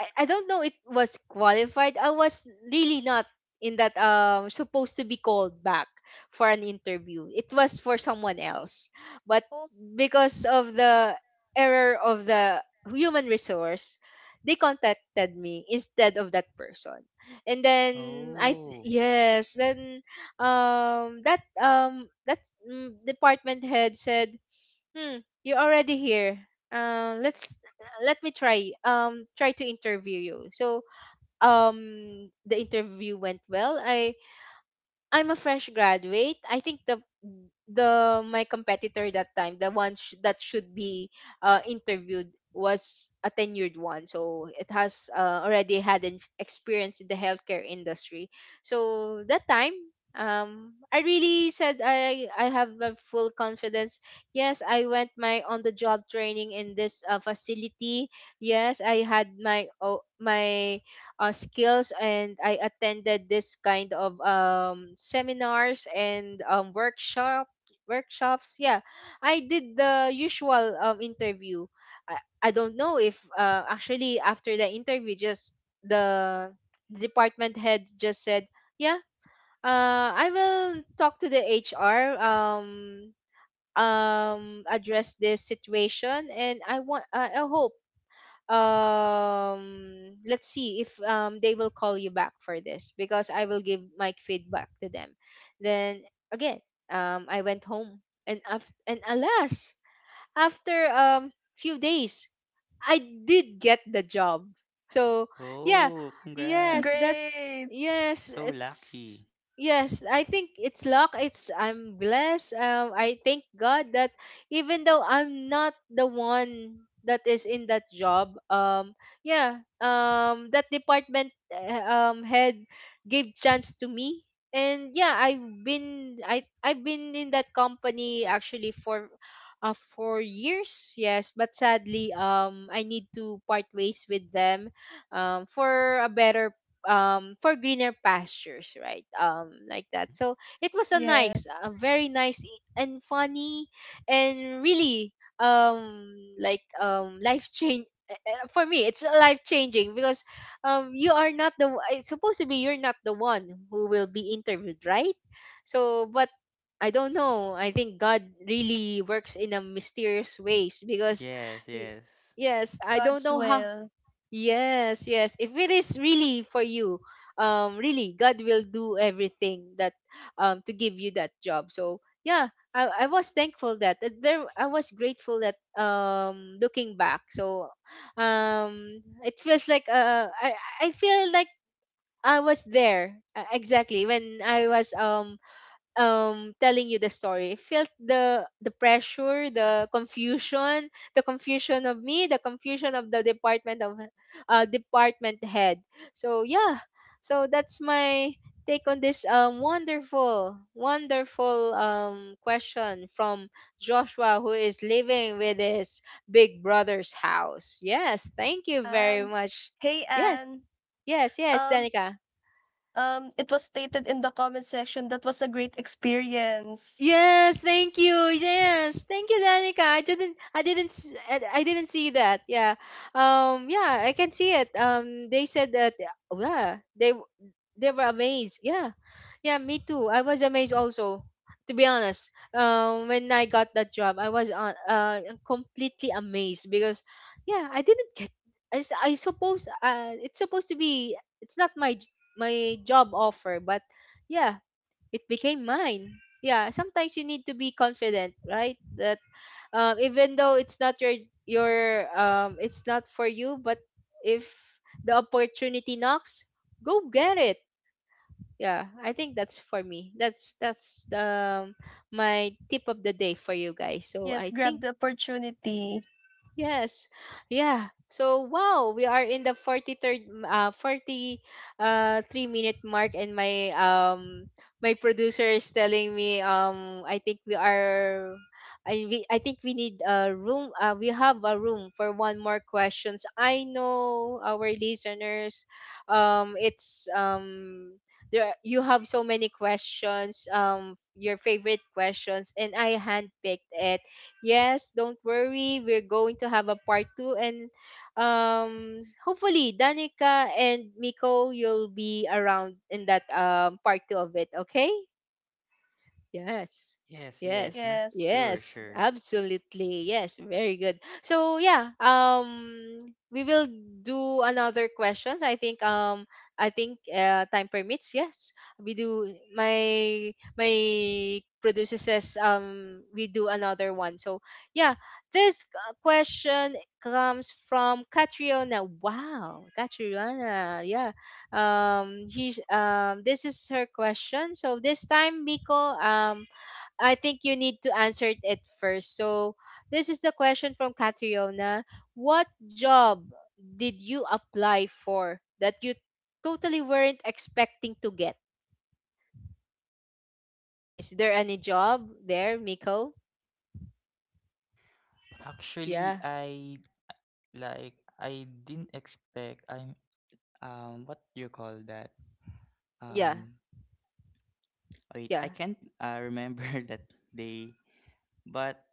[SPEAKER 1] I, I don't know it was qualified. I was really not in that supposed to be called back for an interview. It was for someone else. But
[SPEAKER 2] Oh,
[SPEAKER 1] because of the error of the human resource, they contacted me instead of that person. And then
[SPEAKER 3] Oh,
[SPEAKER 1] yes, then that department head said hmm, you're already here. Let's let me try try to interview you. So the interview went well. I I'm a fresh graduate. I think the my competitor that time, the one that should be interviewed was a tenured one. So it has already had an experience in the healthcare industry. So that time, I really said I have a full confidence. Yes, I went my on the job training in this facility. Yes, I had my oh, my skills and I attended this kind of seminars and um, workshops yeah. I did the usual interview. I, I don't know if actually after the interview just the department head just said, yeah, I will talk to the HR, um, address this situation, and I want, I hope, let's see if they will call you back for this because I will give my feedback to them. Then again, I went home and and alas, after few days I did get the job. So yeah,
[SPEAKER 3] oh,
[SPEAKER 2] it's
[SPEAKER 1] yes,
[SPEAKER 3] congrats.
[SPEAKER 2] great.
[SPEAKER 1] yes,
[SPEAKER 3] So
[SPEAKER 1] it's
[SPEAKER 3] lucky.
[SPEAKER 1] yes. I think it's luck. It's I'm blessed. I thank God that even though I'm not the one that is in that job, yeah, that department head gave chance to me, and yeah, I've been in that company actually for 4 years. Yes, but sadly, I need to part ways with them, for a better, for greener pastures, right? Um, like
[SPEAKER 3] Mm.
[SPEAKER 1] that. So it was a nice,
[SPEAKER 2] Yes,
[SPEAKER 1] a very nice and funny and really like life change for me. It's life changing because you are not the it's supposed to be you're not the one who will be interviewed, right? So but I don't know, I think God really works in a mysterious ways because
[SPEAKER 3] Yes,
[SPEAKER 1] y-
[SPEAKER 3] yes.
[SPEAKER 1] yes, I don't
[SPEAKER 2] God's
[SPEAKER 1] know how.
[SPEAKER 2] will.
[SPEAKER 1] Yes, yes. If it is really for you, really, God will do everything that, to give you that job. So yeah, I was thankful that that there. I was grateful that, looking back. So, it feels like uh, I feel like I was there exactly when I was telling you the story. I felt the pressure, the confusion, the confusion of me, the confusion of the department, of department head. So yeah, so that's my take on this um, wonderful, wonderful question from Joshua, who is living with his big brother's house. Yes, thank you very
[SPEAKER 2] Anne.
[SPEAKER 1] much.
[SPEAKER 2] Hey,
[SPEAKER 1] Yes.
[SPEAKER 2] Anne.
[SPEAKER 1] Yes,
[SPEAKER 2] Um,
[SPEAKER 1] Danica.
[SPEAKER 2] it was stated in the comment section that was a great experience.
[SPEAKER 1] Yes, thank you. Yes, thank you, Danica. I didn't see that. Yeah, yeah, I can see it. They said that, oh, yeah, they were amazed. Yeah, yeah, me too. I was amazed also. To be honest, when I got that job, I was completely amazed because, yeah, I didn't get. I suppose it's supposed to be. It's not my my job offer, but yeah, it became mine. Yeah, sometimes you need to be confident, right? That even though it's not your, your um, it's not for you, but if the opportunity knocks, go get it. Yeah, I think that's for me, that's my tip of the day for you guys. So
[SPEAKER 2] Yes,
[SPEAKER 1] I
[SPEAKER 2] grab
[SPEAKER 1] think,
[SPEAKER 2] the opportunity.
[SPEAKER 1] yes. Yeah. So wow, we are in the 43rd 40 3-minute mark, and my um, producer is telling me, um, I think we are, I think we need a room, we have a room for one more questions. I know our listeners, it's um, you have so many questions, um, your favorite questions, and I handpicked it. Yes, don't worry, we're going to have a part two, and um, hopefully Danica and Miko, you'll be around in that part two of it, okay? Yes.
[SPEAKER 3] Yes, yes,
[SPEAKER 1] Yes.
[SPEAKER 3] not
[SPEAKER 2] Yes.
[SPEAKER 3] sure,
[SPEAKER 1] Yes.
[SPEAKER 3] sure.
[SPEAKER 1] Absolutely. Yes. Very good. So yeah, um, we will do another questions. I think um, I think time permits. Yes. We do, my producer says, um, we do another one. So yeah, this question comes from Catriona. Wow, Catriona. Yeah, um, he this is her question. So this time, Miko, um, I think you need to answer it first. So this is the question from Catriona: what job did you apply for that you totally weren't expecting to get? Is there any job there, Miko?
[SPEAKER 3] Actually,
[SPEAKER 1] Yeah.
[SPEAKER 3] I, like, I didn't expect I'm. What do you call that?
[SPEAKER 1] Yeah,
[SPEAKER 3] Um wait,
[SPEAKER 1] yeah,
[SPEAKER 3] I can't remember that day, but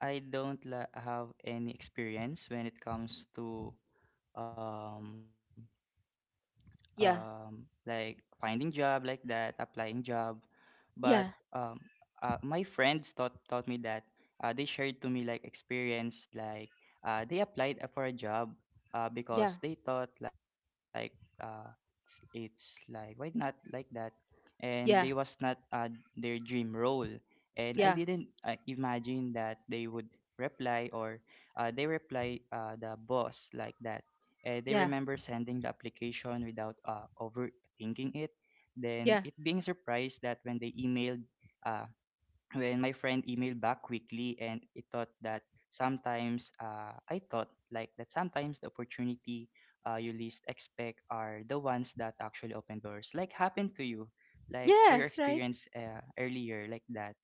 [SPEAKER 3] I don't la have any experience when it comes to um
[SPEAKER 1] yeah,
[SPEAKER 3] like finding job like that, applying job. But
[SPEAKER 1] yeah,
[SPEAKER 3] um, my friends taught me that they shared to me like experience, like they applied for a job
[SPEAKER 1] yeah,
[SPEAKER 3] because they thought like uh, it's like why not, like that. And they was
[SPEAKER 1] yeah,
[SPEAKER 3] not their dream role, and I
[SPEAKER 1] yeah,
[SPEAKER 3] didn't imagine that they would reply or they reply the boss like that. They
[SPEAKER 1] yeah,
[SPEAKER 3] remember sending the application without overthinking it, then
[SPEAKER 1] yeah,
[SPEAKER 3] it being surprised that when they emailed, uh, when my friend emailed back quickly, and it thought that sometimes I thought like that sometimes the opportunity you least expect are the ones that actually open doors. Like happened to you, like for your
[SPEAKER 1] yes, right.
[SPEAKER 3] experience earlier, like that.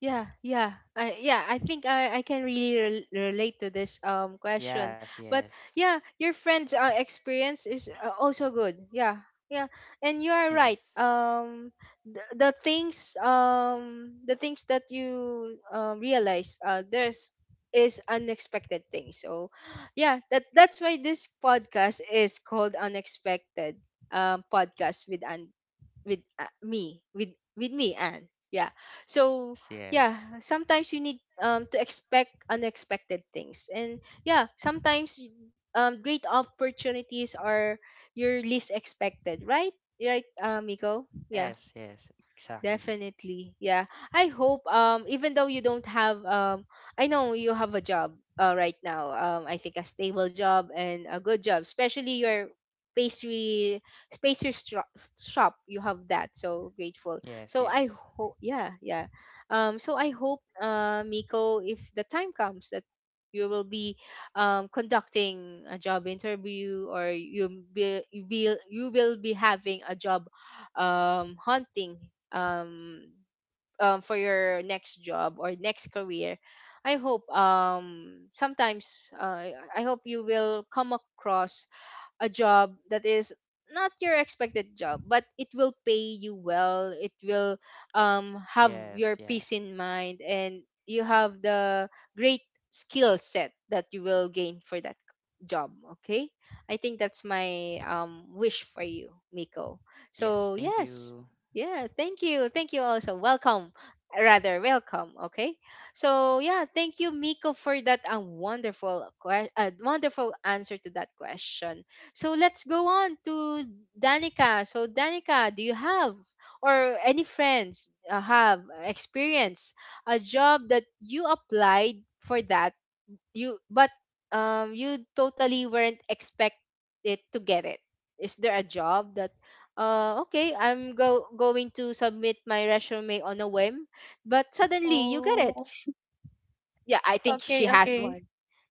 [SPEAKER 1] Yeah, yeah, I think I can really relate to this um, question.
[SPEAKER 3] Yes,
[SPEAKER 1] But
[SPEAKER 3] yes,
[SPEAKER 1] yeah, your friend's experience is also good. Yeah, yeah, and you are right.
[SPEAKER 3] yes,
[SPEAKER 1] The things that you um, realize there's is unexpected things. So yeah, that that's why this podcast is called Unexpected, um, podcast with Andy, with me, with me, and yeah. So
[SPEAKER 3] yes,
[SPEAKER 1] yeah,
[SPEAKER 3] yes,
[SPEAKER 1] sometimes you need um, to expect unexpected things, and yeah, sometimes um, great opportunities are your least expected, right? Right, Miko? Yeah.
[SPEAKER 3] yes, yes, exactly.
[SPEAKER 1] Definitely. Yeah. I hope um, even though you don't have um, I know you have a job right now. Um, I think a stable job and a good job, especially your pastry pastry shop. You have that. So grateful.
[SPEAKER 3] Yes,
[SPEAKER 1] So I
[SPEAKER 3] yes,
[SPEAKER 1] hope, yeah, yeah. Um, so I hope Miko, if the time comes that you will be conducting a job interview, or you will be having a job, um, haunting, um um, for your next job or next career, I hope sometimes I hope you will come across a job that is not your expected job, but it will pay you well. It will have your
[SPEAKER 3] yes, yeah.
[SPEAKER 1] peace in mind, and you have the great skill set that you will gain for that job. Okay, I think that's my wish for you, Miko.
[SPEAKER 3] Okay, yes,
[SPEAKER 1] So
[SPEAKER 3] thank
[SPEAKER 1] yes,
[SPEAKER 3] you.
[SPEAKER 1] yeah, thank you also. Welcome, rather welcome. Okay. So yeah, thank you, Miko, for that a wonderful wonderful answer to that question. So let's go on to Danica. So Danica, do you have or any friends have experienced a job that you applied for that you but um, you totally weren't expect it to get it? Is there a job that okay, I'm go going to submit my resume on a whim, but suddenly you
[SPEAKER 2] Oh,
[SPEAKER 1] get it? Yeah, I think she
[SPEAKER 2] okay,
[SPEAKER 1] has
[SPEAKER 2] okay.
[SPEAKER 1] one.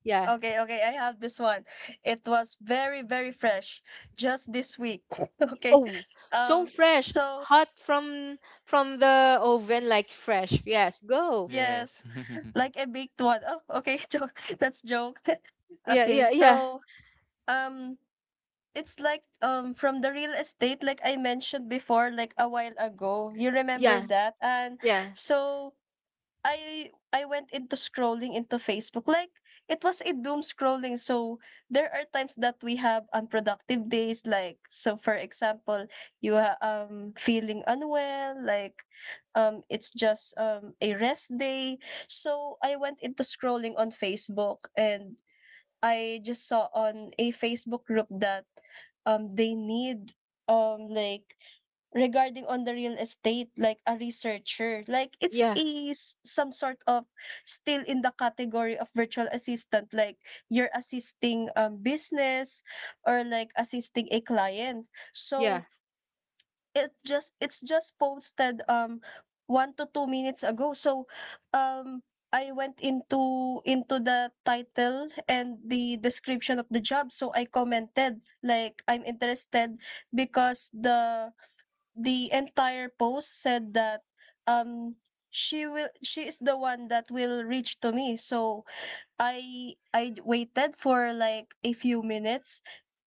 [SPEAKER 1] Yeah.
[SPEAKER 2] Okay, okay, I have this one. It was very, very fresh just this week. Okay.
[SPEAKER 1] Oh, so fresh,
[SPEAKER 2] So
[SPEAKER 1] hot from the oven, like fresh. Yes, go.
[SPEAKER 2] yes,
[SPEAKER 3] Yes.
[SPEAKER 2] like a baked one. Oh, okay, joke. That's joke.
[SPEAKER 1] Yeah,
[SPEAKER 2] Okay,
[SPEAKER 1] yeah, yeah,
[SPEAKER 2] so um it's like from the real estate like I mentioned before like a while ago. You remember
[SPEAKER 1] yeah,
[SPEAKER 2] that? And
[SPEAKER 1] yeah,
[SPEAKER 2] so I went into scrolling into Facebook. Like it was a doom scrolling. So there are times that we have unproductive days like so for example, you are feeling unwell, like it's just a rest day. So I went into scrolling on Facebook, and I just saw on a Facebook group that they need like regarding on the real estate, like a researcher, like it's
[SPEAKER 1] yeah,
[SPEAKER 2] a some sort of still in the category of virtual assistant, like you're assisting business or like assisting a client.
[SPEAKER 1] yeah,
[SPEAKER 2] So it just it's just posted 1 to 2 minutes ago. So um I went into the title and the description of the job, so I commented like I'm interested because the entire post said that um she will she is the one that will reach to me. So I waited for like a few minutes,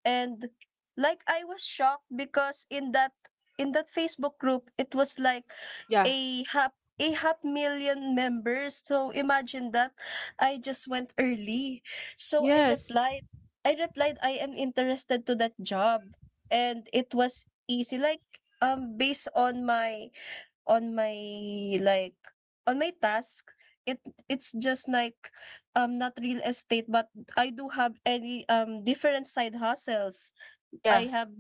[SPEAKER 2] and like I was shocked because in that Facebook group it was like
[SPEAKER 1] yeah,
[SPEAKER 2] a half a half million members. So imagine that I just went early. So I
[SPEAKER 1] yes,
[SPEAKER 2] replied, I replied I am interested to that job, and it was easy like based on my on my like on my task. It it's just like not real estate, but I do have any different side hustles.
[SPEAKER 1] yeah.
[SPEAKER 2] I have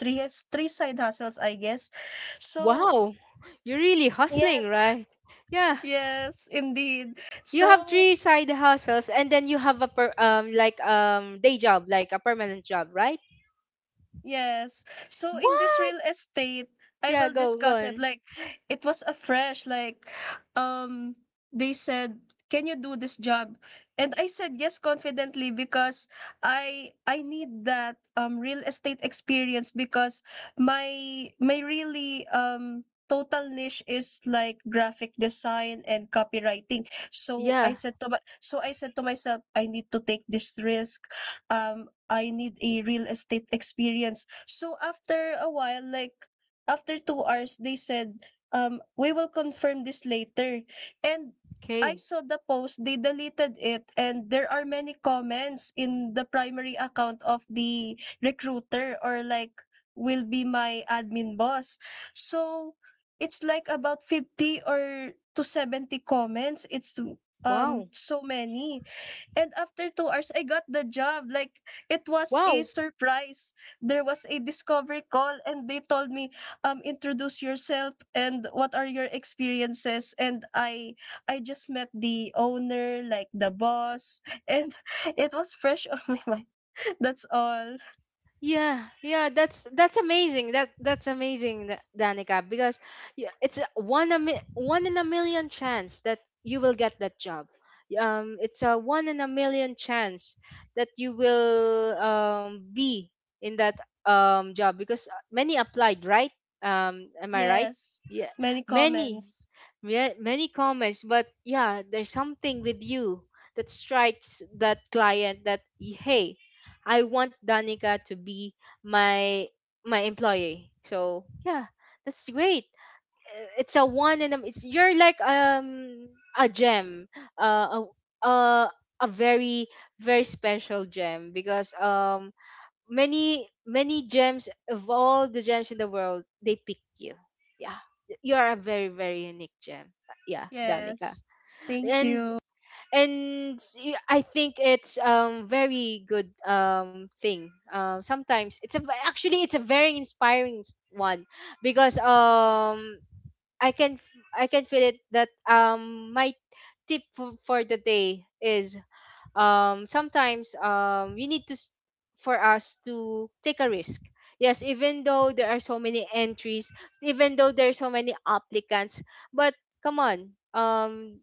[SPEAKER 2] three side hustles I guess. So
[SPEAKER 1] Wow, you're really hustling,
[SPEAKER 2] yes,
[SPEAKER 1] right? Yeah.
[SPEAKER 2] yes, indeed.
[SPEAKER 1] You have
[SPEAKER 2] So
[SPEAKER 1] three side hustles, and then you have a per, um, like um, day job, like a permanent job, right?
[SPEAKER 2] yes. So in this
[SPEAKER 1] What?
[SPEAKER 2] real estate, I
[SPEAKER 1] Yeah,
[SPEAKER 2] will
[SPEAKER 1] go, go
[SPEAKER 2] discuss it.
[SPEAKER 1] on.
[SPEAKER 2] Like it was a fresh, like um they said, can you do this job? And I said yes confidently because I need that real estate experience because my really total niche is like graphic design and copywriting. So I
[SPEAKER 1] Yeah.
[SPEAKER 2] said to my, so I said to myself, I need to take this risk. I need a real estate experience. So after a while, like after 2 hours, they said, we will confirm this later. And I
[SPEAKER 1] Okay.
[SPEAKER 2] saw the post, they deleted it, and there are many comments in the primary account of the recruiter or like will be my admin boss. So it's like about 50 or to 70 comments. It's
[SPEAKER 1] Wow.
[SPEAKER 2] so many. And after 2 hours, I got the job. Like, it was a
[SPEAKER 1] Wow.
[SPEAKER 2] surprise. There was a discovery call, and they told me, introduce yourself and what are your experiences. And I just met the owner, like the boss, and it was fresh on my mind. That's all.
[SPEAKER 1] Yeah, yeah, that's amazing. That that's amazing, Danica, because it's a one one in a million chance that you will get that job. It's a one in a million chance that you will um, be in that um, job because many applied, right? Am I right?
[SPEAKER 2] Yes.
[SPEAKER 1] Yeah,
[SPEAKER 2] Many
[SPEAKER 1] many,
[SPEAKER 2] comments.
[SPEAKER 1] yeah, many comments, but yeah, there's something with you that strikes that client that hey, I want Danica to be my my employee. So yeah, that's great. It's a one in a, it's, you're like um, a gem, uh, a a a very, very special gem because um, many, many gems of all the gems in the world, they pick you. Yeah, you are a very, very unique gem. Yeah, Danica.
[SPEAKER 2] Yes. Thank
[SPEAKER 1] And
[SPEAKER 2] you.
[SPEAKER 1] I think it's um, very good um, thing. Sometimes it's a, actually it's a very inspiring one because um, I can feel it that um, my tip for the day is um, sometimes um, we need to s- for us to take a risk. Yes, even though there are so many entries, even though there are so many applicants, but come on. Um,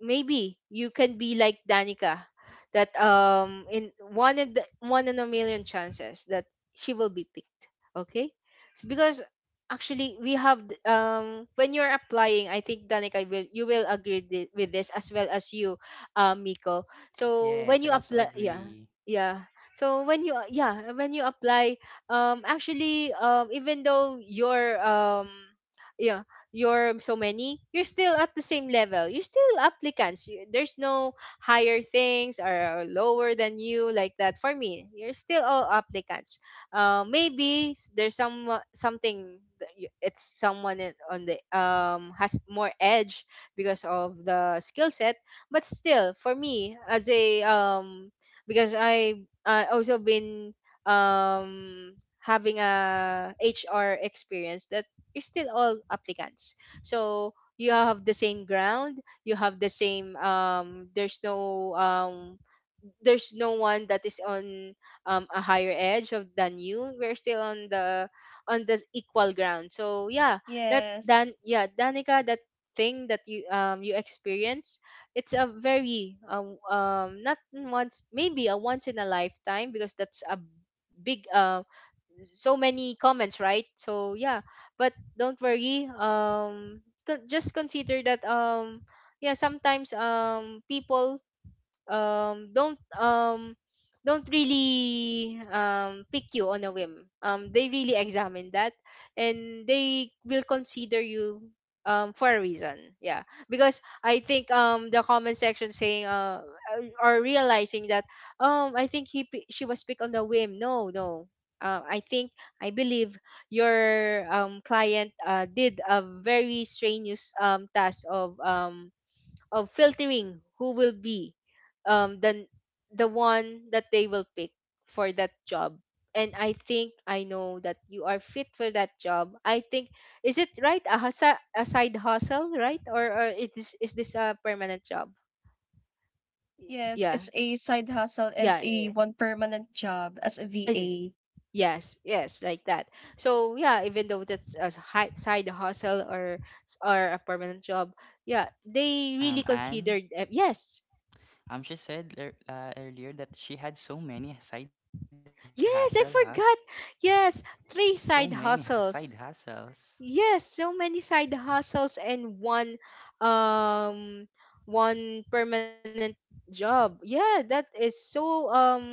[SPEAKER 1] maybe you can be like Danica, that um, in one in the, one in a million chances that she will be picked. Okay. So because actually um, when you're applying, I think Danica, will you will agree with this as well as you, Miko? So when
[SPEAKER 3] Yes,
[SPEAKER 1] you
[SPEAKER 3] I also
[SPEAKER 1] apply, yeah,
[SPEAKER 3] agree.
[SPEAKER 1] yeah so when you, yeah, when you apply um, actually um, even though you're um, yeah, you're so many, you're still at the same level. You're still applicants. You, there's no higher things or lower than you, like that. For me, you're still all applicants. Maybe there's some something that it's someone on the um, has more edge because of the skill set. But still, for me as a because I also been um having a HR experience that you're still all applicants, so you have the same ground. You have the same there's no one that is on a higher edge of than you. We're still on the equal ground, so yeah. that dan
[SPEAKER 2] Yes.
[SPEAKER 1] yeah Danica, that thing that you you experience, it's a very not once, maybe a once in a lifetime, because that's a big so many comments, right? So yeah, but don't worry. Just consider that yeah, sometimes people um don't um don't really pick you on a whim. They really examine that, and they will consider you for a reason. Yeah, because I think the comment section saying or realizing that, I think she was picked on the whim. No, no. I think, I believe your client did a very strenuous task of filtering who will be um the the one that they will pick for that job. And I think I know that you are fit for that job. I think, is it right, a, hustle, a side hustle, right? Or is this, is this a permanent job?
[SPEAKER 2] Yes,
[SPEAKER 1] Yeah,
[SPEAKER 2] it's a side hustle and
[SPEAKER 1] yeah.
[SPEAKER 2] a one permanent job as a
[SPEAKER 1] Yeah.
[SPEAKER 2] VA.
[SPEAKER 1] Yes, yes, like that. So yeah, even though that's a side hustle or a permanent job, yeah, they really
[SPEAKER 3] Anne,
[SPEAKER 1] considered. Yes.
[SPEAKER 3] she said earlier that she had so many side hustle, huh?
[SPEAKER 1] Yes, I forgot. Yes,
[SPEAKER 3] So many
[SPEAKER 1] three side
[SPEAKER 3] side
[SPEAKER 1] hustles.
[SPEAKER 3] hustles.
[SPEAKER 1] Yes, so many side hustles and one um one permanent job. Yeah, that is so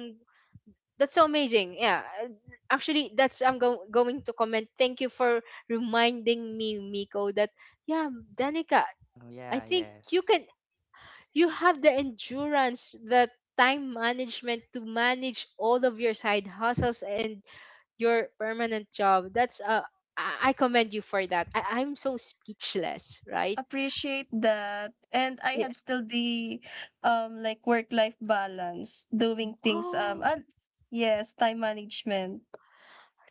[SPEAKER 1] that's so amazing. Yeah. Actually, that's, I'm going to comment. Thank you for reminding me, Miko, that yeah, Danica,
[SPEAKER 3] Oh yeah,
[SPEAKER 1] I think
[SPEAKER 3] yes.
[SPEAKER 1] you can, you have the endurance, the time management to manage all of your side hustles and your permanent job. That's I commend you for that. I'm so speechless, right?
[SPEAKER 2] Appreciate that, and I
[SPEAKER 1] Yeah.
[SPEAKER 2] have still the like work life balance doing things,
[SPEAKER 1] Wow.
[SPEAKER 2] and yes, time management.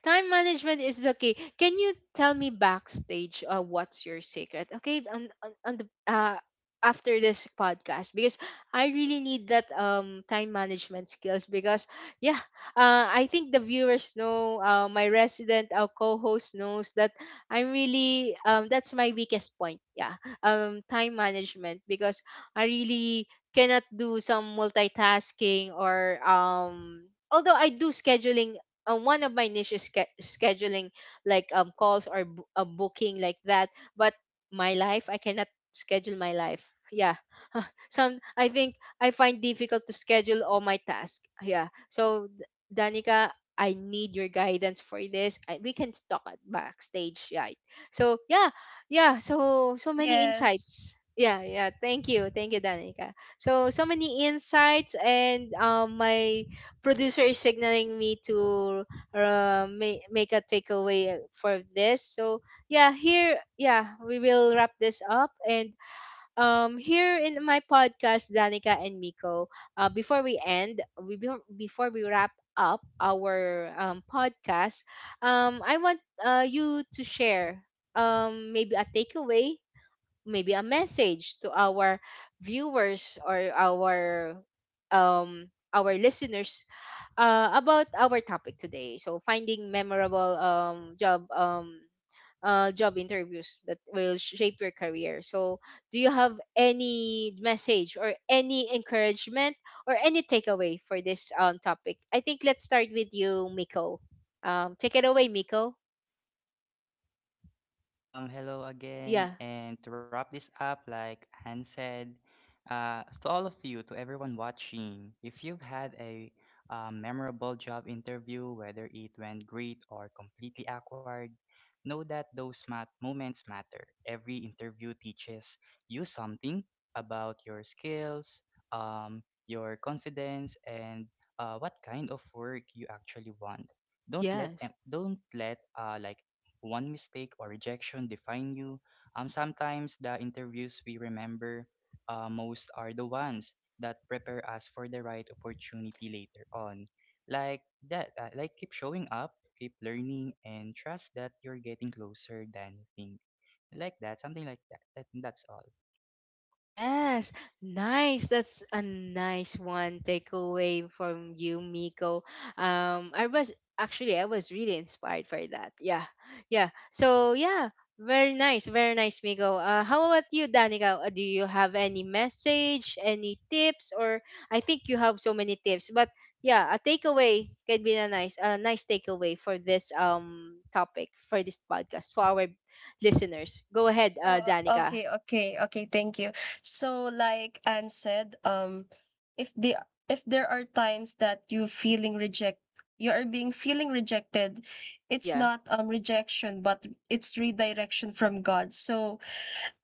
[SPEAKER 1] Time management is okay. Can you tell me backstage, what's your secret? Okay, on the after this podcast, because I really need that time management skills because yeah, I think the viewers know, my resident co-host knows that I'm really that's my weakest point. Yeah. Time management, because I really cannot do some multitasking or although I do scheduling. One of my niche is scheduling, like calls or a booking, like that. But my life, I cannot schedule my life. Yeah. Some, I think I find difficult to schedule all my tasks. Yeah, so Danica, I need your guidance for this. I, we can talk at backstage, right? So yeah, yeah, so so many
[SPEAKER 2] Yes.
[SPEAKER 1] insights. Yeah, yeah, thank you, thank you, Danica. So so many insights, and my producer is signaling me to make a takeaway for this. So yeah, here, yeah, we will wrap this up. And here in my podcast, Danica and Miko, before we end, we before before we wrap up our podcast, I want you to share maybe a takeaway, maybe a message to our viewers or our listeners about our topic today. So finding memorable job interviews that will shape your career. So do you have any message or any encouragement or any takeaway for this topic? I think let's start with you, Miko. Take it away, Miko.
[SPEAKER 3] Hello again,
[SPEAKER 1] Yeah.
[SPEAKER 3] and to wrap this up, like Anne said, to all of you, to everyone watching, if you've had a memorable job interview, whether it went great or completely awkward, know that those moments matter. Every interview teaches you something about your skills, your confidence, and what kind of work you actually want.
[SPEAKER 1] Yes.
[SPEAKER 3] Don't let like one mistake or rejection define you. Sometimes the interviews we remember most are the ones that prepare us for the right opportunity later on. Like that, like keep showing up, keep learning, and trust that you're getting closer than you think. Like that, something like that. That that's all.
[SPEAKER 1] Yes, nice. That's a nice one takeaway from you, Miko. I was actually, I was really inspired by that. Yeah, yeah. So yeah, very nice, Miko. How about you, Danica? Do you have any message, any tips, or I think you have so many tips, but yeah, a takeaway can be a nice takeaway for this topic for this podcast for our listeners. Go ahead,
[SPEAKER 2] Oh,
[SPEAKER 1] Danica.
[SPEAKER 2] okay, okay, okay, thank you. So like Anne said, if the if there are times that you feeling reject, you are being feeling rejected, it's
[SPEAKER 1] Yeah.
[SPEAKER 2] not rejection but it's redirection from God. So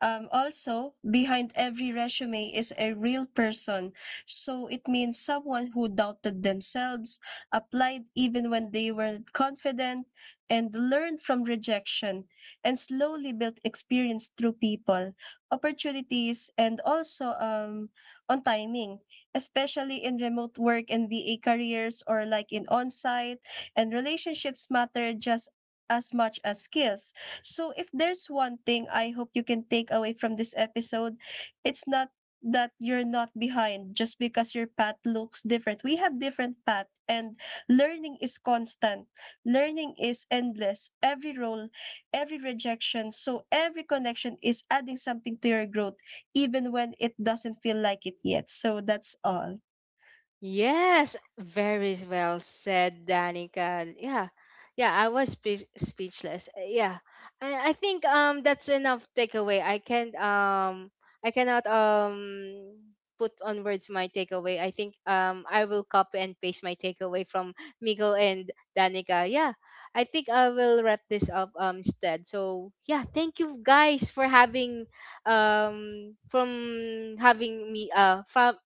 [SPEAKER 2] um, also, behind every resume is a real person. So it means someone who doubted themselves, applied even when they weren't confident, and learned from rejection, and slowly built experience through people, opportunities, and also on timing, especially in remote work and VA careers or like in on site. And relationships matter just as much as skills. So if there's one thing I hope you can take away from this episode, it's not that you're not behind just because your path looks different. We have different path, and learning is constant. Learning is endless. Every role, every rejection, so every connection is adding something to your growth even when it doesn't feel like it yet. So that's all.
[SPEAKER 1] Yes, very well said, Danica. Yeah, yeah, I was speechless. Yeah, I think that's enough takeaway. I can't I cannot put on words my takeaway. I think I will copy and paste my takeaway from Miko and Danica. Yeah, I think I will wrap this up instead. So yeah, thank you guys for having from having me from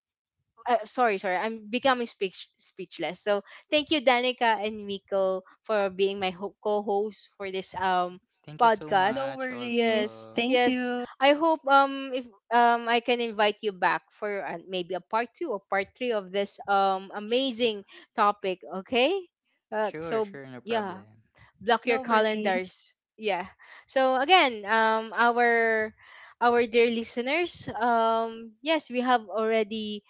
[SPEAKER 1] sorry, sorry. I'm becoming speechless. So thank you, Danica and Miko, for being my co-host for this
[SPEAKER 3] Thank you so
[SPEAKER 1] podcast.
[SPEAKER 2] No
[SPEAKER 3] much.
[SPEAKER 2] worries.
[SPEAKER 3] Also,
[SPEAKER 1] Yes,
[SPEAKER 2] Thank
[SPEAKER 1] yes.
[SPEAKER 2] you.
[SPEAKER 1] I hope if I can invite you back for maybe a part two or part three of this
[SPEAKER 3] sure,
[SPEAKER 1] amazing topic. Okay.
[SPEAKER 3] sure,
[SPEAKER 1] So
[SPEAKER 3] sure, no
[SPEAKER 1] yeah,
[SPEAKER 3] problem.
[SPEAKER 1] block your
[SPEAKER 2] No worries.
[SPEAKER 1] calendars, yeah. So again, our dear listeners, yes, we have already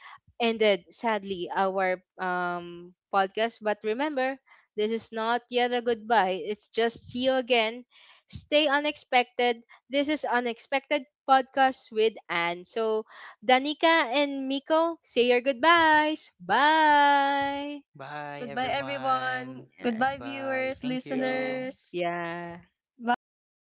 [SPEAKER 1] ended, sadly, our podcast, but remember, this is not yet a goodbye, it's just see you again. Stay unexpected. This is Unexpected Podcast with Anne. So Danica and Miko, say your goodbyes. Bye.
[SPEAKER 3] Bye,
[SPEAKER 2] Goodbye everyone.
[SPEAKER 3] everyone.
[SPEAKER 1] Yeah,
[SPEAKER 2] Goodbye
[SPEAKER 3] Goodbye.
[SPEAKER 2] viewers,
[SPEAKER 3] Thank
[SPEAKER 1] yeah,
[SPEAKER 3] you.
[SPEAKER 2] listeners.
[SPEAKER 1] yeah.
[SPEAKER 2] Bye